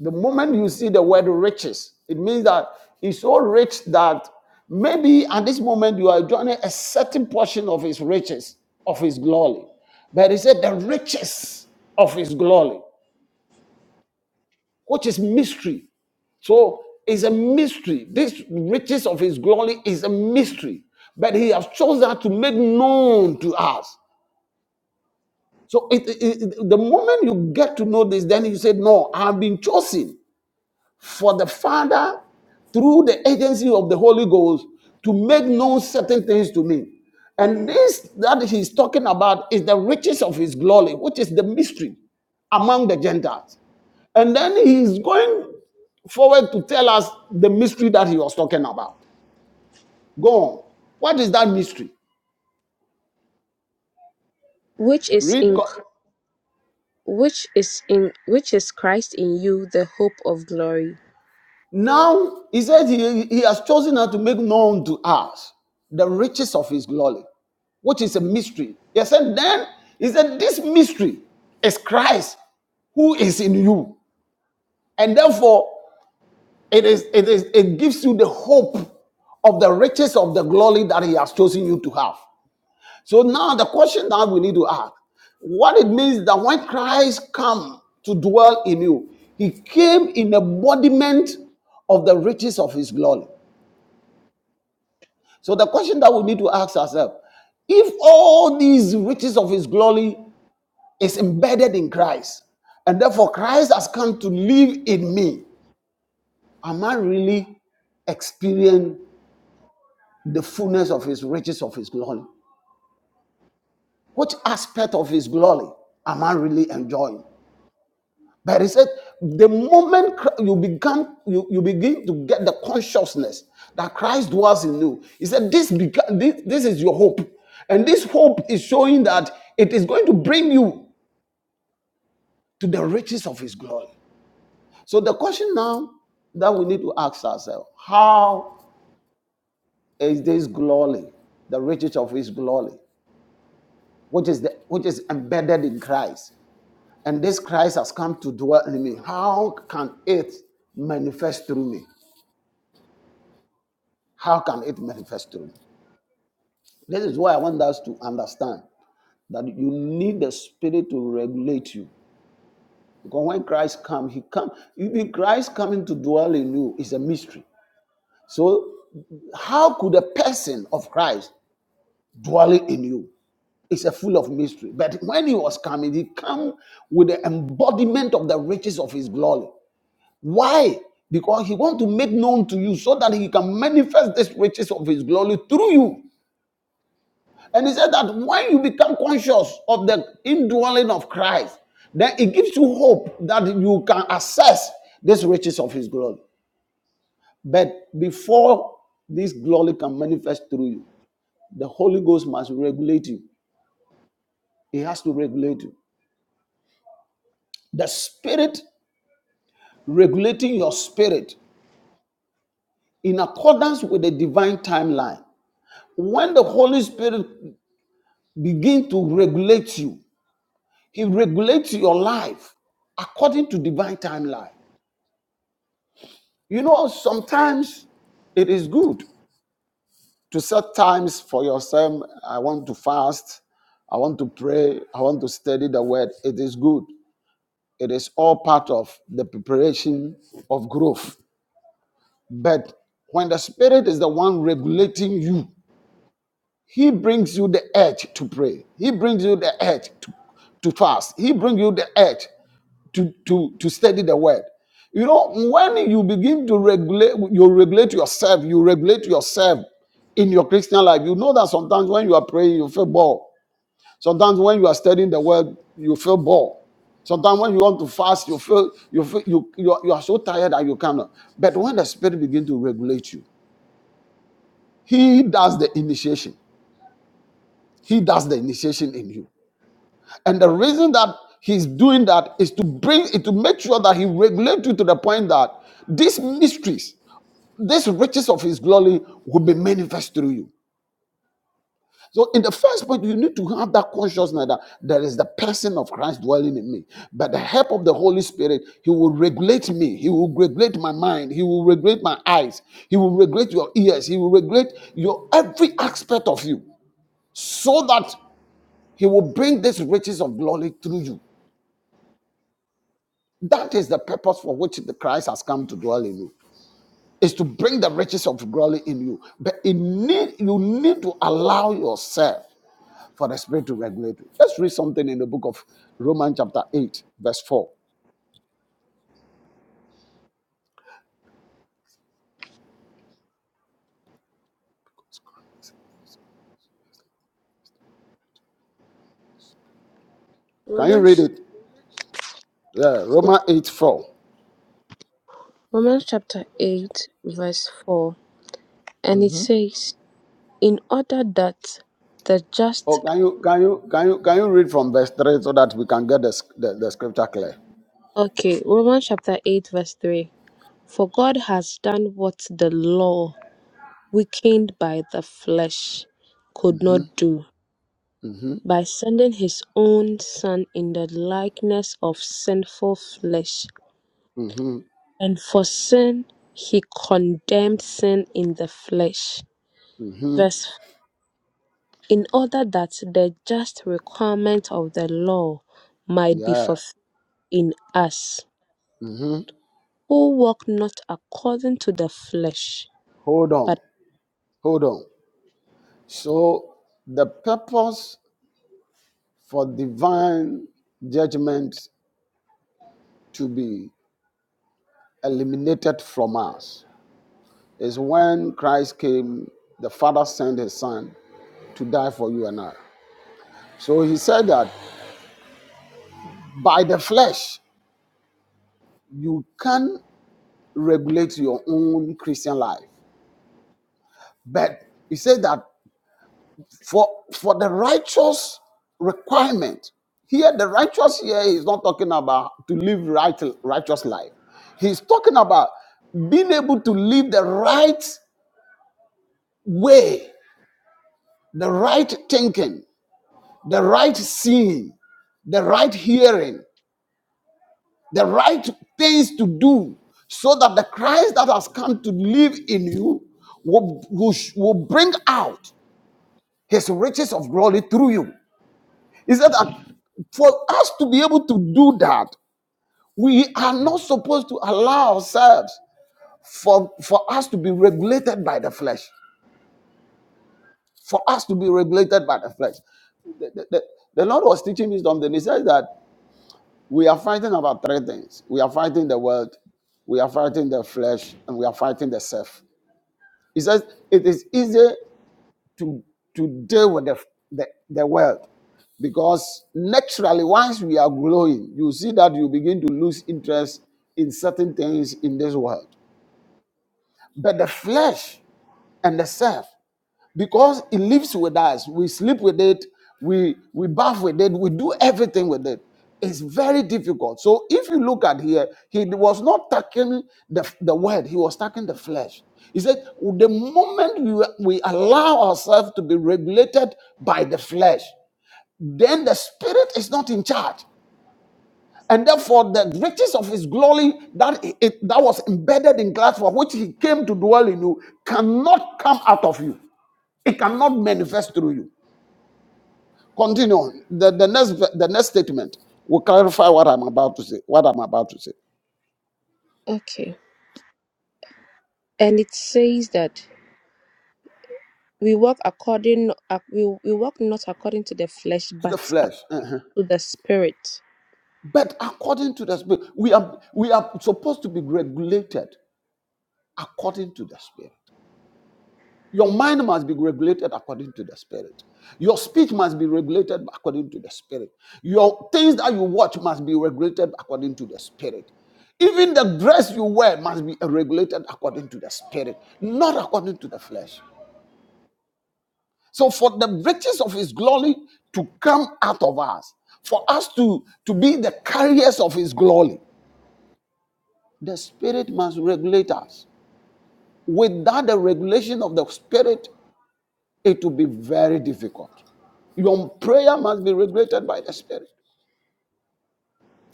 E: The moment you see the word riches, it means that it's so rich that maybe at this moment you are enjoying a certain portion of his riches, of his glory. But he said the riches of his glory, which is mystery. So it's a mystery. This riches of his glory is a mystery. But he has chosen to make known to us. So it, it, it- the moment you get to know this, then you say, No, I've been chosen for the Father through the agency of the Holy Ghost to make known certain things to me. And this that he's talking about is the riches of his glory, which is the mystery among the Gentiles. And then he's going forward to tell us the mystery that he was talking about. Go on. What is that mystery?
F: which is
E: Read.
F: in Christ, which is in which is Christ in you, the hope of glory.
E: Now he says he, he has chosen us to make known to us the riches of his glory, which is a mystery. He said, then he said, this mystery is Christ who is in you. And therefore, it is it is it gives you the hope of the riches of the glory that he has chosen you to have. So now the question that we need to ask, what it means that when Christ come to dwell in you, he came in embodiment of the riches of his glory. So the question that we need to ask ourselves, if all these riches of his glory is embedded in Christ, and therefore Christ has come to live in me, am I really experiencing the fullness of his riches of his glory? Which aspect of his glory am I really enjoying? But he said, the moment you become, you, you begin to get the consciousness that Christ dwells in you. He said, this, beca- this, this is your hope. And this hope is showing that it is going to bring you to the riches of his glory. So the question now that we need to ask ourselves, how is this glory, the riches of his glory, which is the, which is embedded in Christ? And this Christ has come to dwell in me. How can it manifest through me? How can it manifest through you? This is why I want us to understand that you need the spirit to regulate you. Because when Christ come, he come. Christ coming to dwell in you is a mystery. So how could a person of Christ dwelling in you? It's a full of mystery. But when he was coming, he came with the embodiment of the riches of his glory. Why? Because he want to make known to you so that he can manifest these riches of his glory through you. And he said that when you become conscious of the indwelling of Christ, then it gives you hope that you can access these riches of his glory. But before this glory can manifest through you, the Holy Ghost must regulate you. He has to regulate you. The Spirit regulating your spirit in accordance with the divine timeline. When the Holy Spirit begins to regulate you, He regulates your life according to divine timeline. You know, sometimes it is good to set times for yourself. I want to fast. I want to pray. I want to study the word. It is good. It is all part of the preparation of growth. But when the Spirit is the one regulating you, He brings you the edge to pray. He brings you the edge to, to fast. He brings you the edge to, to, to study the word. You know, when you begin to regulate, you regulate yourself, you regulate yourself in your Christian life. You know that sometimes when you are praying, you feel bored. Sometimes when you are studying the word, you feel bored. Sometimes when you want to fast, you feel you feel you you are, you are so tired that you cannot. But when the spirit begins to regulate you, he does the initiation. He does the initiation in you. And the reason that he's doing that is to bring it to make sure that he regulates you to the point that these mysteries, these riches of his glory will be manifest through you. So, in the first point, you need to have that consciousness that there is the person of Christ dwelling in me. By the help of the Holy Spirit, He will regulate me. He will regulate my mind. He will regulate my eyes. He will regulate your ears. He will regulate your every aspect of you so that He will bring these riches of glory through you. That is the purpose for which the Christ has come to dwell in you. Is to bring the riches of glory in you. But it need, you need to allow yourself for the Spirit to regulate you. Let's read something in the book of Romans chapter 8, verse 4. Can you read
F: Romans
E: it? Yeah, Romans 8, 4.
F: Romans chapter eight verse four, and it
E: hmm
F: says, in order that the just
E: Oh, can you can you can you can you read from verse 3 so that we can get the, sc- the, the scripture clear?
F: Okay, Romans chapter 8, verse 3. For God has done what the law, weakened by the flesh, could
E: hmm
F: not do,
E: hmm
F: by sending his own Son in the likeness of sinful flesh.
E: hmm
F: And for sin, he condemned sin in the flesh.
E: hmm
F: Verse 4. In order that the just requirement of the law might be
E: Yeah.
F: fulfilled in us,
E: hmm
F: who walk not according to the flesh,
E: Hold on.
F: but.
E: Hold on. So the purpose for divine judgment to be eliminated from us is when Christ came, the Father sent his son to die for you and I. So he said that by the flesh you can regulate your own Christian life. But he said that For for the righteous requirement, here the righteous here is not talking about to live right righteous life. He's talking about being able to live the right way, the right thinking, the right seeing, the right hearing, the right things to do, so that the Christ that has come to live in you will, will, will bring out his riches of glory through you. He said that for us to be able to do that, we are not supposed to allow ourselves for, for us to be regulated by the flesh. For us to be regulated by the flesh. The, the, the- the Lord was teaching me something. He says that we are fighting about three things. We are fighting the world, we are fighting the flesh, and we are fighting the self. He says it is easy to to deal with the, the, the world because naturally once we are growing you see that you begin to lose interest in certain things in this world but the flesh and the self because it lives with us. We sleep with it, we we bath with it, we do everything with it. It's very difficult. So if you look at here, he was not tackling the, the word, he was tackling the flesh. He said, the moment we, we allow ourselves to be regulated by the flesh, then the spirit is not in charge. And therefore, the riches of his glory that, it, that was embedded in Christ, for which he came to dwell in you, cannot come out of you. It cannot manifest through you. Continue on. The, the next the next statement will clarify what I'm about to say. What I'm about to say.
F: Okay. and it says that we walk according uh, we, we walk not according to the flesh
E: To
F: but
E: the flesh. uh-huh.
F: to the spirit
E: But according to the spirit, we are we are supposed to be regulated according to the spirit. Your mind must be regulated according to the spirit. Your speech must be regulated according to the spirit. Your things that you watch must be regulated according to the spirit. Even the dress you wear must be regulated according to the spirit, not according to the flesh. So for the riches of his glory to come out of us, for us to, to be the carriers of his glory, the spirit must regulate us. Without the regulation of the spirit, it will be very difficult. Your prayer must be regulated by the spirit.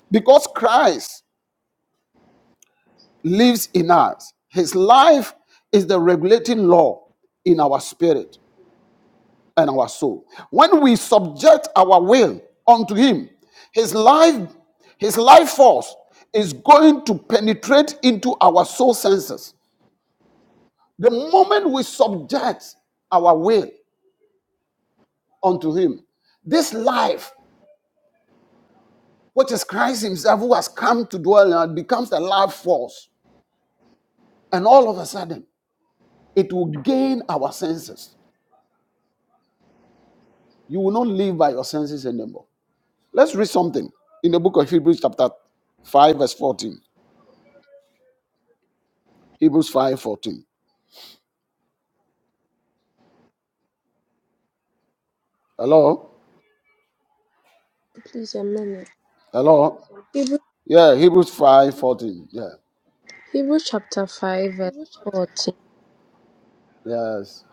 E: Because Christ lives in us, his life is the regulating law in our spirit. and our soul. When we subject our will unto him, his life, his life force is going to penetrate into our soul senses. The moment we subject our will unto him, this life, which is Christ himself who has come to dwell in us, becomes the life force. And all of a sudden, it will gain our senses. You will not live by your senses anymore. Let's read something in the book of Hebrews, chapter 5, verse 14. Hebrews 5:14. Hello?
F: please a minute
E: Hello?
F: hebrew,
E: Yeah, Hebrews 5:14. Yeah.
F: hebrew chapter 5 verse 14
E: Yes.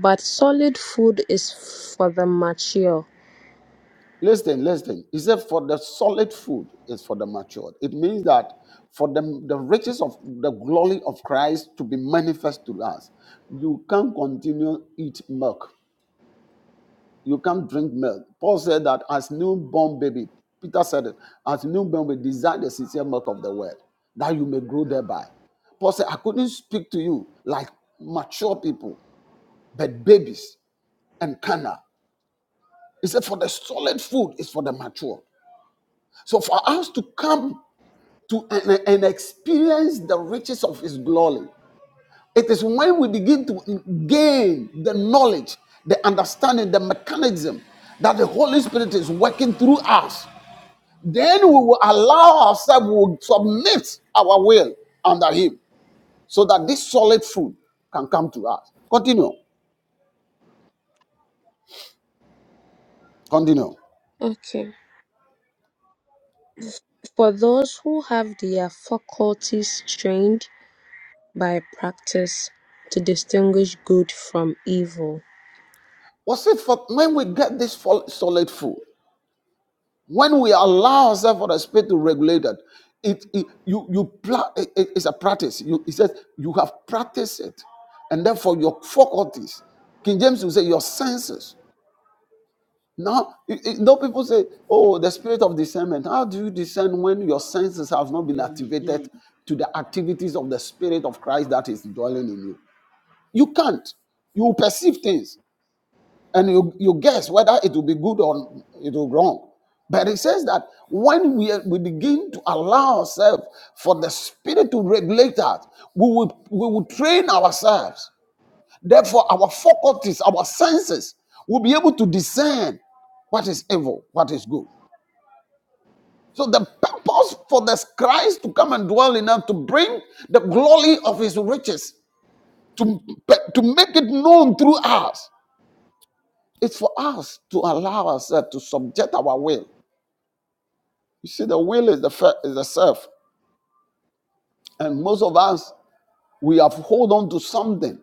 F: but solid food is for the mature
E: Listen, listen. He said, for the solid food is for the matured. It means that for the, the riches of the glory of Christ to be manifest to us, you can't continue eat milk. You can't drink milk. Paul said that as newborn baby, Peter said it, as newborn we desire the sincere milk of the word, that you may grow thereby. Paul said, I couldn't speak to you like mature people. but babies and Cana. He said, for the solid food is for the mature. So for us to come to and, and experience the riches of his glory, it is when we begin to gain the knowledge, the understanding, the mechanism that the Holy Spirit is working through us. Then we will allow ourselves, we will submit our will under him so that this solid food can come to us. Continue. Continue.
F: okay for those who have their faculties trained by practice to distinguish good from evil
E: Was it for when we get this solid food? When we allow ourselves for the spirit to regulate that, it, it you you pla- it- it- it's a practice. You it says you have practiced it, and therefore your faculties. King James will say your senses. Now, it, it- no people say, "Oh, the spirit of discernment." How do you discern when your senses have not been activated to the activities of the spirit of Christ that is dwelling in you? You can't. You will perceive things and you, you guess whether it will be good or it will be wrong. But it says that when we, we begin to allow ourselves for the spirit to regulate us, we will, we will train ourselves. Therefore, our faculties, our senses will be able to discern what is evil, what is good. So the purpose for this Christ to come and dwell in us to bring the glory of his riches to, to make it known through us It's for us to allow ourselves to subject our will. You see, the will is the fir- is the self, and most of us we have hold on to something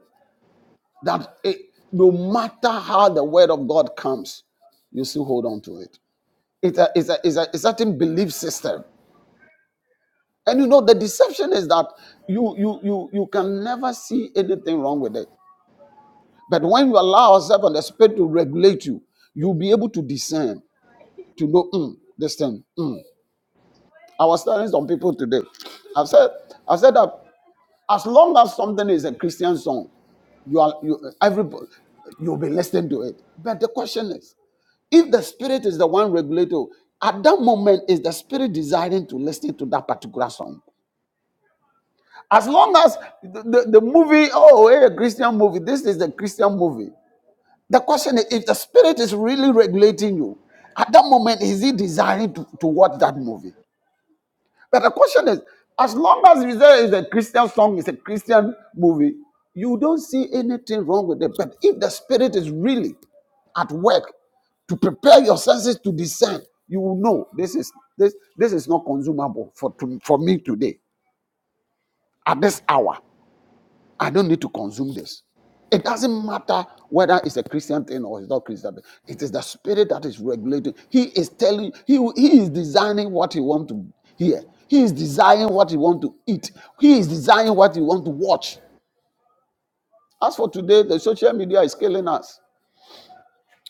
E: that it, no matter how the word of God comes, you still hold on to it. It's a, it's a, it's a, a certain belief system, and you know the deception is that you you you you can never see anything wrong with it. But when you allow yourself and the spirit to regulate you, you'll be able to discern to know mm, this thing. hmm, I was telling some people today. I've said, I've said that as long as something is a Christian song, you are you everybody you'll be listening to it. But the question is, if the spirit is the one regulator, at that moment is the spirit desiring to listen to that particular song? As long as the, the, the movie, oh, hey, a Christian movie, this is the Christian movie. The question is, if the spirit is really regulating you, at that moment, is he desiring to, to watch that movie? But the question is, as long as there is a Christian song, it's a Christian movie, you don't see anything wrong with it. But if the spirit is really at work to prepare your senses to discern, you will know this is this this is not consumable for to, for me today at this hour. I don't need to consume this. It doesn't matter whether it's a Christian thing or it's not Christian thing. It is the spirit that is regulating. He is telling, he, he is designing what he want to hear. He is designing what he want to eat. He is designing what he want to watch. As for today, the social media is killing us.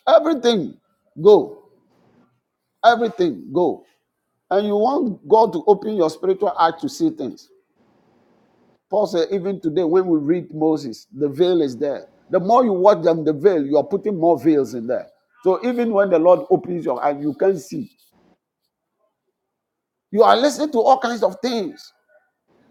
E: Everything go. Everything go. And you want God to open your spiritual eye to see things. Paul said, even today, when we read Moses, the veil is there. The more you watch them, the veil, you are putting more veils in there. So even when the Lord opens your eyes, you can see. You are listening to all kinds of things.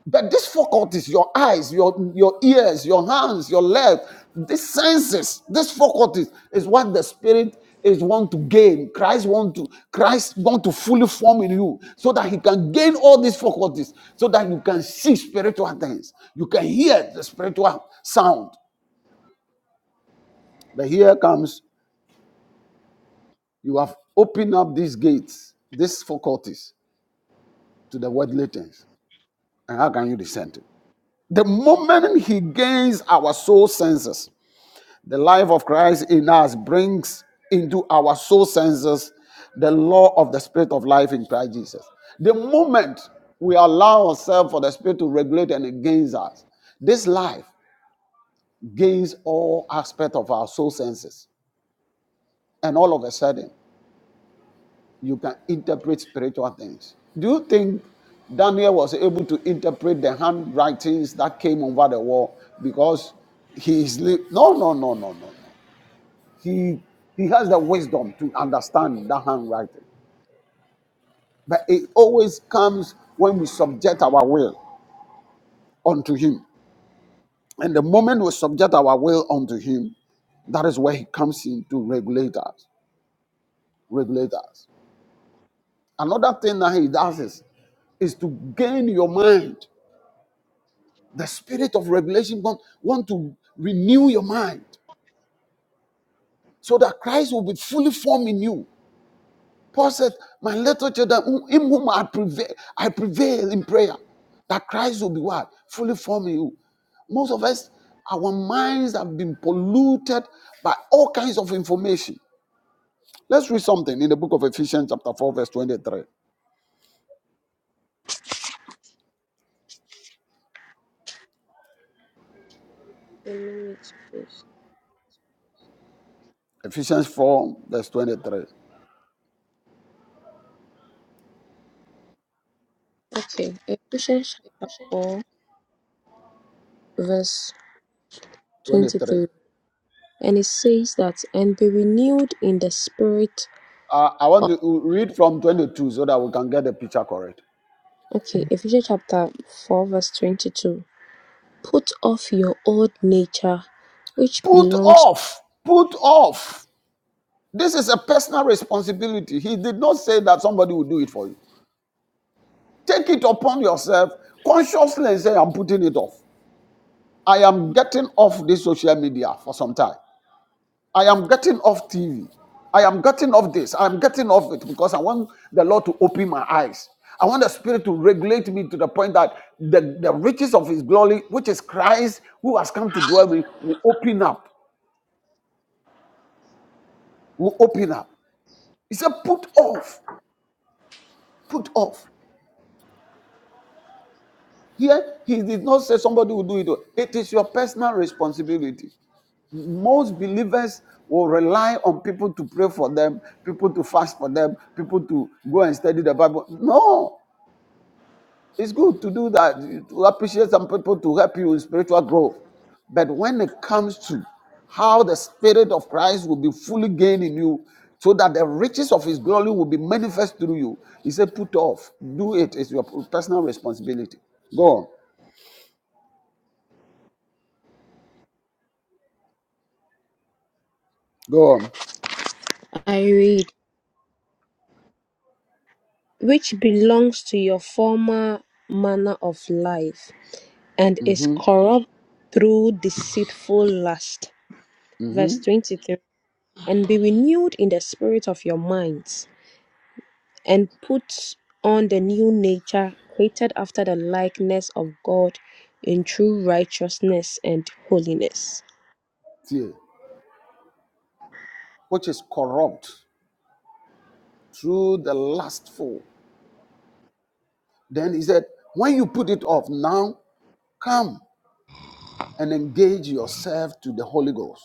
E: But these faculties, your eyes, your, your ears, your hands, your legs, these senses, these faculties is what the spirit is want to gain. Christ want to, Christ want to fully form in you so that he can gain all these faculties, so that you can see spiritual things. You can hear the spiritual sound. But here comes, you have opened up these gates, these faculties to the worldly things. And how can you dissent it? The moment he gains our soul senses, The life of Christ in us brings into our soul senses the law of the spirit of life in Christ Jesus. The moment we allow ourselves for the spirit to regulate and gains us, this life gains all aspects of our soul senses. And all of a sudden, you can interpret spiritual things. Do you think Daniel was able to interpret the handwritings that came over the wall because he is li- no no no no no no. he he has the wisdom to understand that handwriting but it always comes when we subject our will unto him and the moment we subject our will unto him that is where he comes in to regulate us regulate us another thing that he does is is to gain your mind the spirit of revelation want, want to renew your mind so that christ will be fully formed in you Paul said, My little children, who- him whom I prevail, I prevail in prayer, that Christ will be what? Fully formed in you. Most of us, our minds have been polluted by all kinds of information. Let's read something in the book of Ephesians, chapter 4, verse 23.
F: a minute please
E: Ephesians 4, verse 23.
F: okay ephesians chapter 4 verse
E: 23.
F: 23 and it says that and be renewed in the spirit
E: Uh, I want
F: of
E: to read from 22 so that we can get the picture correct.
F: okay ephesians chapter 4 verse 22 put off your old nature which
E: Put
F: belongs
E: off, put off. This is a personal responsibility. He did not say that somebody will do it for you. Take it upon yourself consciously and say, I'm putting it off. I am getting off this social media for some time. I am getting off TV. I am getting off this. I am getting off it because I want the Lord to open my eyes. I want the Spirit to regulate me to the point that the, the riches of His glory, which is Christ who has come to dwell with me, will open up. Will open up. He said, Put off. Put off. Here, he did not say somebody will do it. It is your personal responsibility. Most believers will rely on people to pray for them, people to fast for them, people to go and study the Bible. No, it's good to do that, to appreciate some people to help you in spiritual growth. But when it comes to how the Spirit of Christ will be fully gained in you, so that the riches of His glory will be manifest through you, he said, Put off, do it. It's your personal responsibility. Go on, go on.
F: i read which belongs to your former manner of life and is
E: hmm
F: corrupt through deceitful lust
E: hmm
F: verse 23 and be renewed in the spirit of your minds and put on the new nature created after the likeness of God in true righteousness and holiness.
E: Fear, which is corrupt through the lustful. Then he said, when you put it off, now come and engage yourself to the Holy Ghost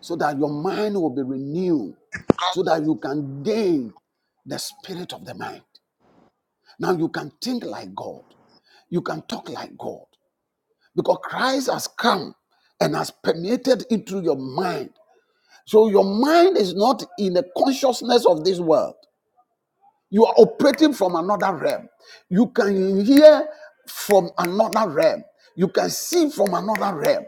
E: so that your mind will be renewed, so that you can gain the spirit of the mind. Now you can think like God, you can talk like God, because Christ has come and has permeated into your mind. So your mind is not in the consciousness of this world. You are operating from another realm. You can hear from another realm. You can see from another realm.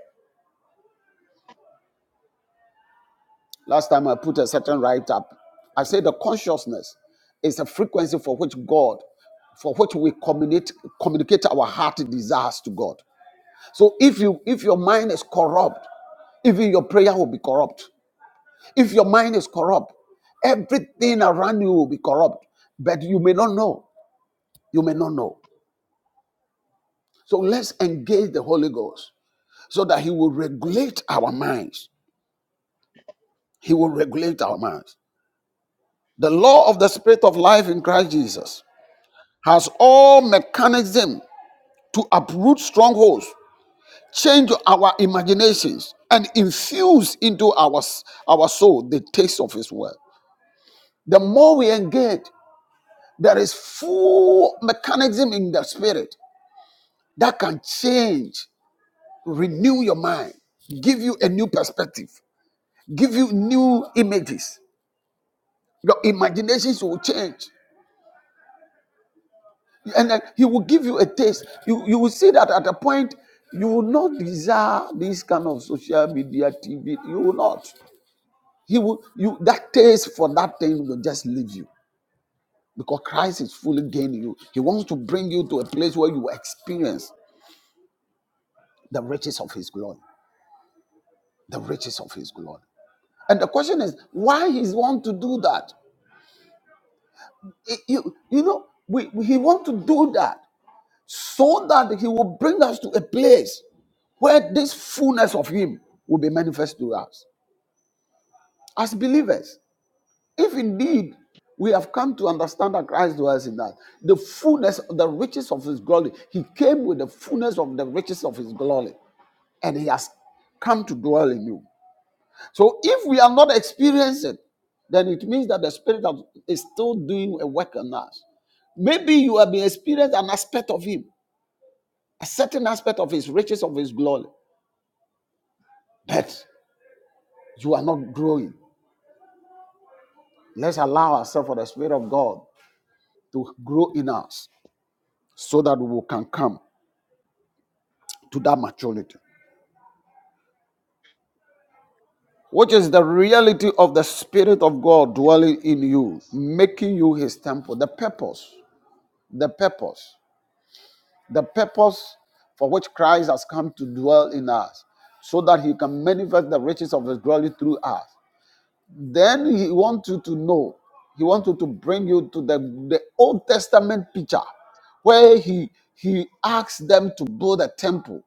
E: Last time I put a certain write up, I said the consciousness is a frequency for which God, for which we communicate communicate our heart desires to God. So if you if your mind is corrupt, even your prayer will be corrupt. If your mind is corrupt, everything around you will be corrupt. But you may not know. You may not know. So let's engage the Holy Ghost. so that he will regulate our minds. He will regulate our minds. The law of the spirit of life in Christ Jesus has all mechanism to uproot strongholds, change our imaginations, and infuse into our, our soul the taste of his word. The more we engage, there is full mechanism in the spirit that can change, renew your mind, give you a new perspective, give you new images, Your imaginations will change. And then he will give you a taste. You, you will see that at a point you will not desire this kind of social media TV. You will not. He will you that taste for that thing will just leave you because Christ is fully gaining you. He wants to bring you to a place where you experience the riches of his glory. The riches of his glory. And the question is, why he wants to do that? It- you, you know, we, we- he wants to do that so that he will bring us to a place where this fullness of him will be manifest to us as believers if indeed we have come to understand that christ dwells in us the fullness the riches of his glory he came with the fullness of the riches of his glory and he has come to dwell in you so if we are not experiencing then it means that the spirit of, is still doing a work on us maybe you have been experiencing an aspect of him a certain aspect of his riches of his glory but you are not growing. Let's allow ourselves for the Spirit of God to grow in us so that we can come to that maturity, which is the reality of the Spirit of God dwelling in you, making you His temple. The purpose, the purpose, the purpose for which Christ has come to dwell in us, so that He can manifest the riches of His glory through us. Then he wants you to know, he wants you to bring you to the, the Old Testament picture where he he asks them to build a temple.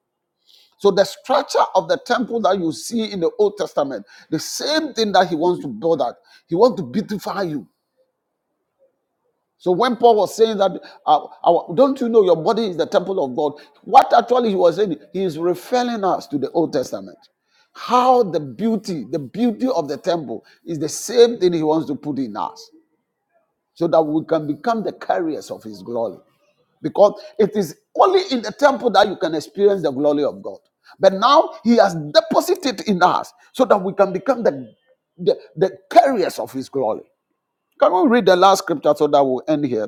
E: So the structure of the temple that you see in the Old Testament, the same thing that he wants to build at, he wants to beautify you. So when Paul was saying that, uh, our, don't you know your body is the temple of God? What actually he was saying, he is referring us to the Old Testament. How the beauty, the beauty of the temple is the same thing he wants to put in us. so that we can become the carriers of his glory. Because it is only in the temple that you can experience the glory of God. But now he has deposited in us so that we can become the, the, the carriers of his glory. Can we read the last scripture so that we'll end here?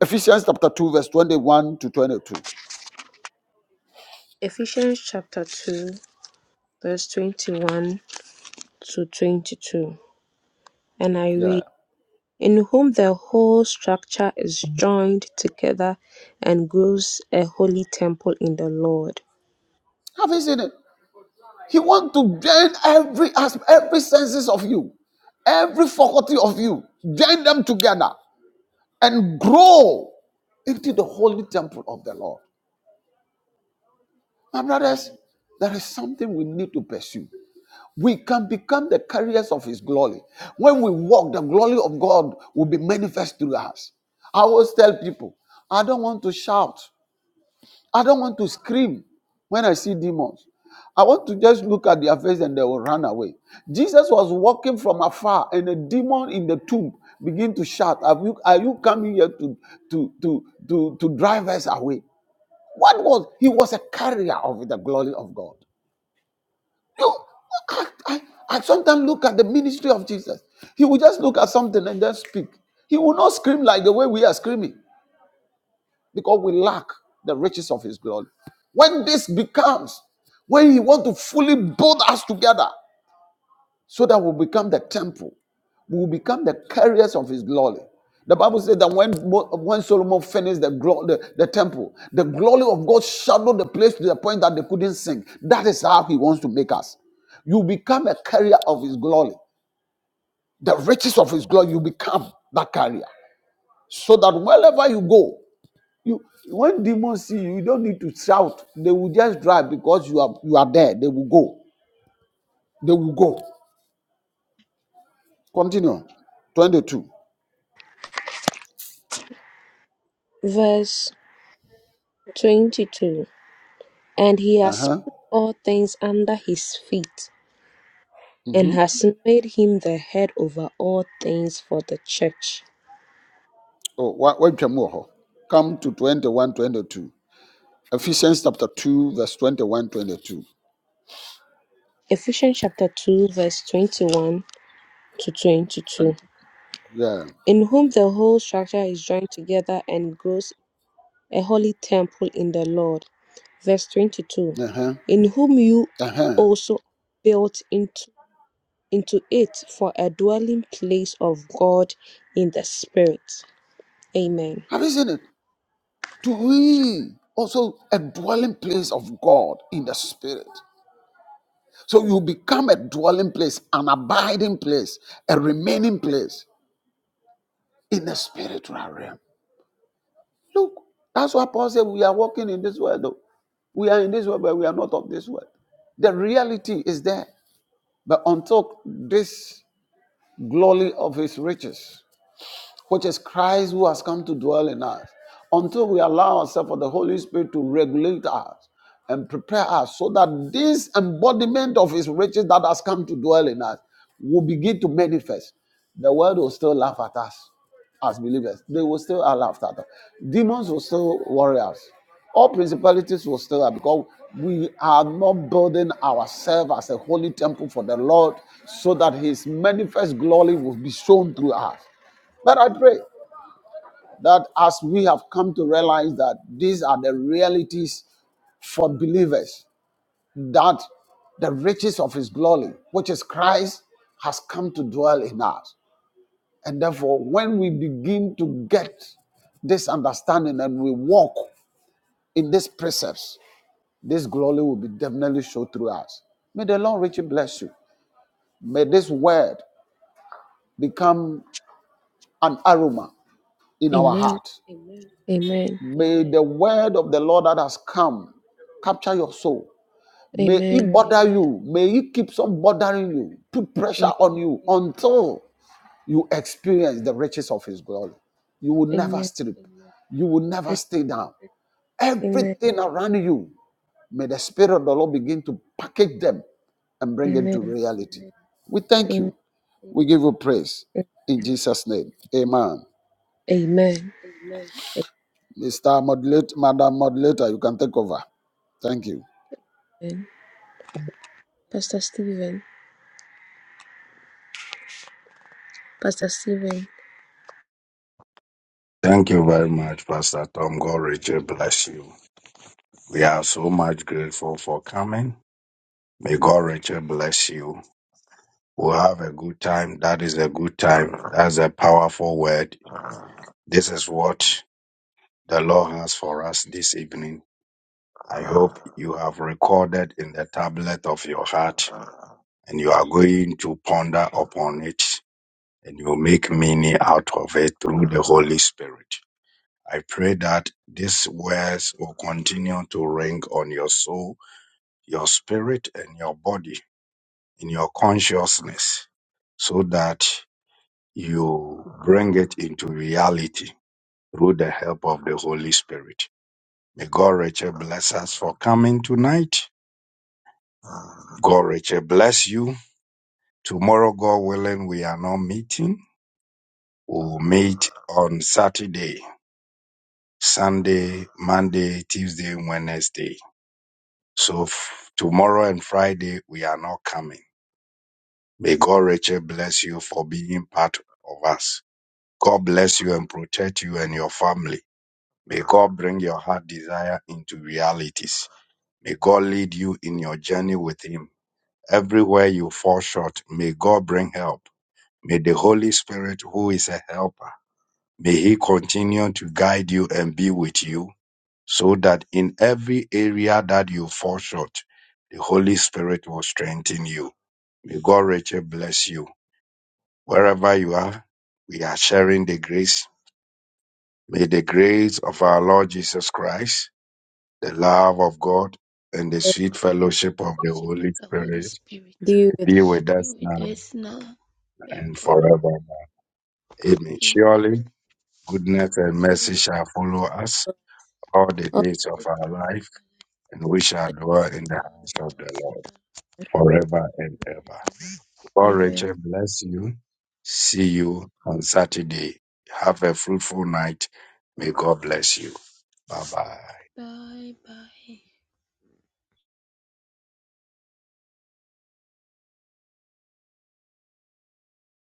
E: Ephesians chapter 2, verse 21 to 22.
F: Ephesians chapter 2, verse 21 to 22. And I
E: Yeah.
F: read, In whom the whole structure is joined together and grows a holy temple in the Lord.
E: Have you seen it? He wants to drain every aspect, every senses of you, every faculty of you, join them together. and grow into the holy temple of the Lord. My
G: Amen.
E: brothers, there is something we need to pursue. We can become the carriers of His glory. When we walk, the glory of God will be manifest through us. I always tell people, I don't want to shout. I don't want to scream when I see demons. I want to just look at their face and they will run away. Jesus was walking from afar, and a demon in the tomb began to shout, Are you, are you coming here to, to, to, to, to drive us away? What was he was a carrier of the glory of God. You, I, I, I sometimes look at the ministry of Jesus. He will just look at something and then speak. He will not scream like the way we are screaming because we lack the riches of his glory. When this becomes, when he wants to fully build us together so that we become the temple, we will become the carriers of his glory. The Bible says that when, when Solomon finished the, the, the temple, the glory of God shadowed the place to the point that they couldn't sing. That is how he wants to make us. You become a carrier of his glory. The riches of his glory, you become that carrier. So that wherever you go, you when demons see you, you don't need to shout. They will just drive because you are you are there. They will go. They will go. Continue. 22.
F: Verse 22. And he has
E: Uh-huh.
F: put all things under his feet and
E: Mm-hmm.
F: has made him the head over all things for the church.
E: Oh, what what more? Come to twenty one, twenty two. Ephesians chapter 2, verse 21, 22.
F: Ephesians chapter 2, verse 21 to 22.
E: And yeah.
F: In whom the whole structure is joined together and grows a holy temple in the Lord. Verse 22.
E: Uh-huh.
F: In whom you
E: Uh-huh.
F: also are built into, into it for a dwelling place of God in the Spirit. Amen.
E: Have you seen it? To we also a dwelling place of God in the spirit. So you become a dwelling place, an abiding place, a remaining place. in the spiritual realm. Look, that's what Paul said we are walking in this world. Though. We are in this world, but we are not of this world. The reality is there. But until this glory of his riches which is Christ who has come to dwell in us, until we allow ourselves for the Holy Spirit to regulate us and prepare us so that this embodiment of his riches that has come to dwell in us will begin to manifest. The world will still laugh at us as believers. They will still laugh at us. Demons will still worry us. All principalities will still have because we are not building ourselves as a holy temple for the Lord so that his manifest glory will be shown through us. But I pray that as we have come to realize that these are the realities for believers, that the riches of his glory, which is Christ, has come to dwell in us. And therefore, when we begin to get this understanding and we walk in these precepts, this glory will be definitely shown through us. May the Lord richly bless you. May this word become an aroma in our
F: Amen.
E: heart.
F: Amen.
E: May the word of the Lord that has come capture your soul. May it
F: Amen.
E: bother you. May it keep on bothering you, put pressure on you until you experience the riches of His glory. You will never
F: Amen.
E: strip, you will never stay down.
F: Amen.
E: Everything around you, may the Spirit of the Lord begin to package them and bring it to
F: Amen.
E: reality. We thank
F: Amen.
E: you. We give you praise in Jesus' name. Amen.
F: Amen.
E: Mr. Moderator, Madam Moderator, you can take over. Thank you.
F: Amen. Pastor Stephen. Pastor Stephen.
A: Thank you very much, Pastor Tom. God richly bless you. We are so much grateful for coming. May God richly bless you. We'll have a good time. That is a good time. That's a powerful word. This is what the Lord has.
H: Worship of the Holy Spirit
F: Be with the
H: be with us now and forevermore. Amen. Goodness and mercy shall follow us
F: Oh,
H: all the days of our life. We shall dwell in the house of the Lord forever and
F: amen.
H: ever. Amen. Bye bye.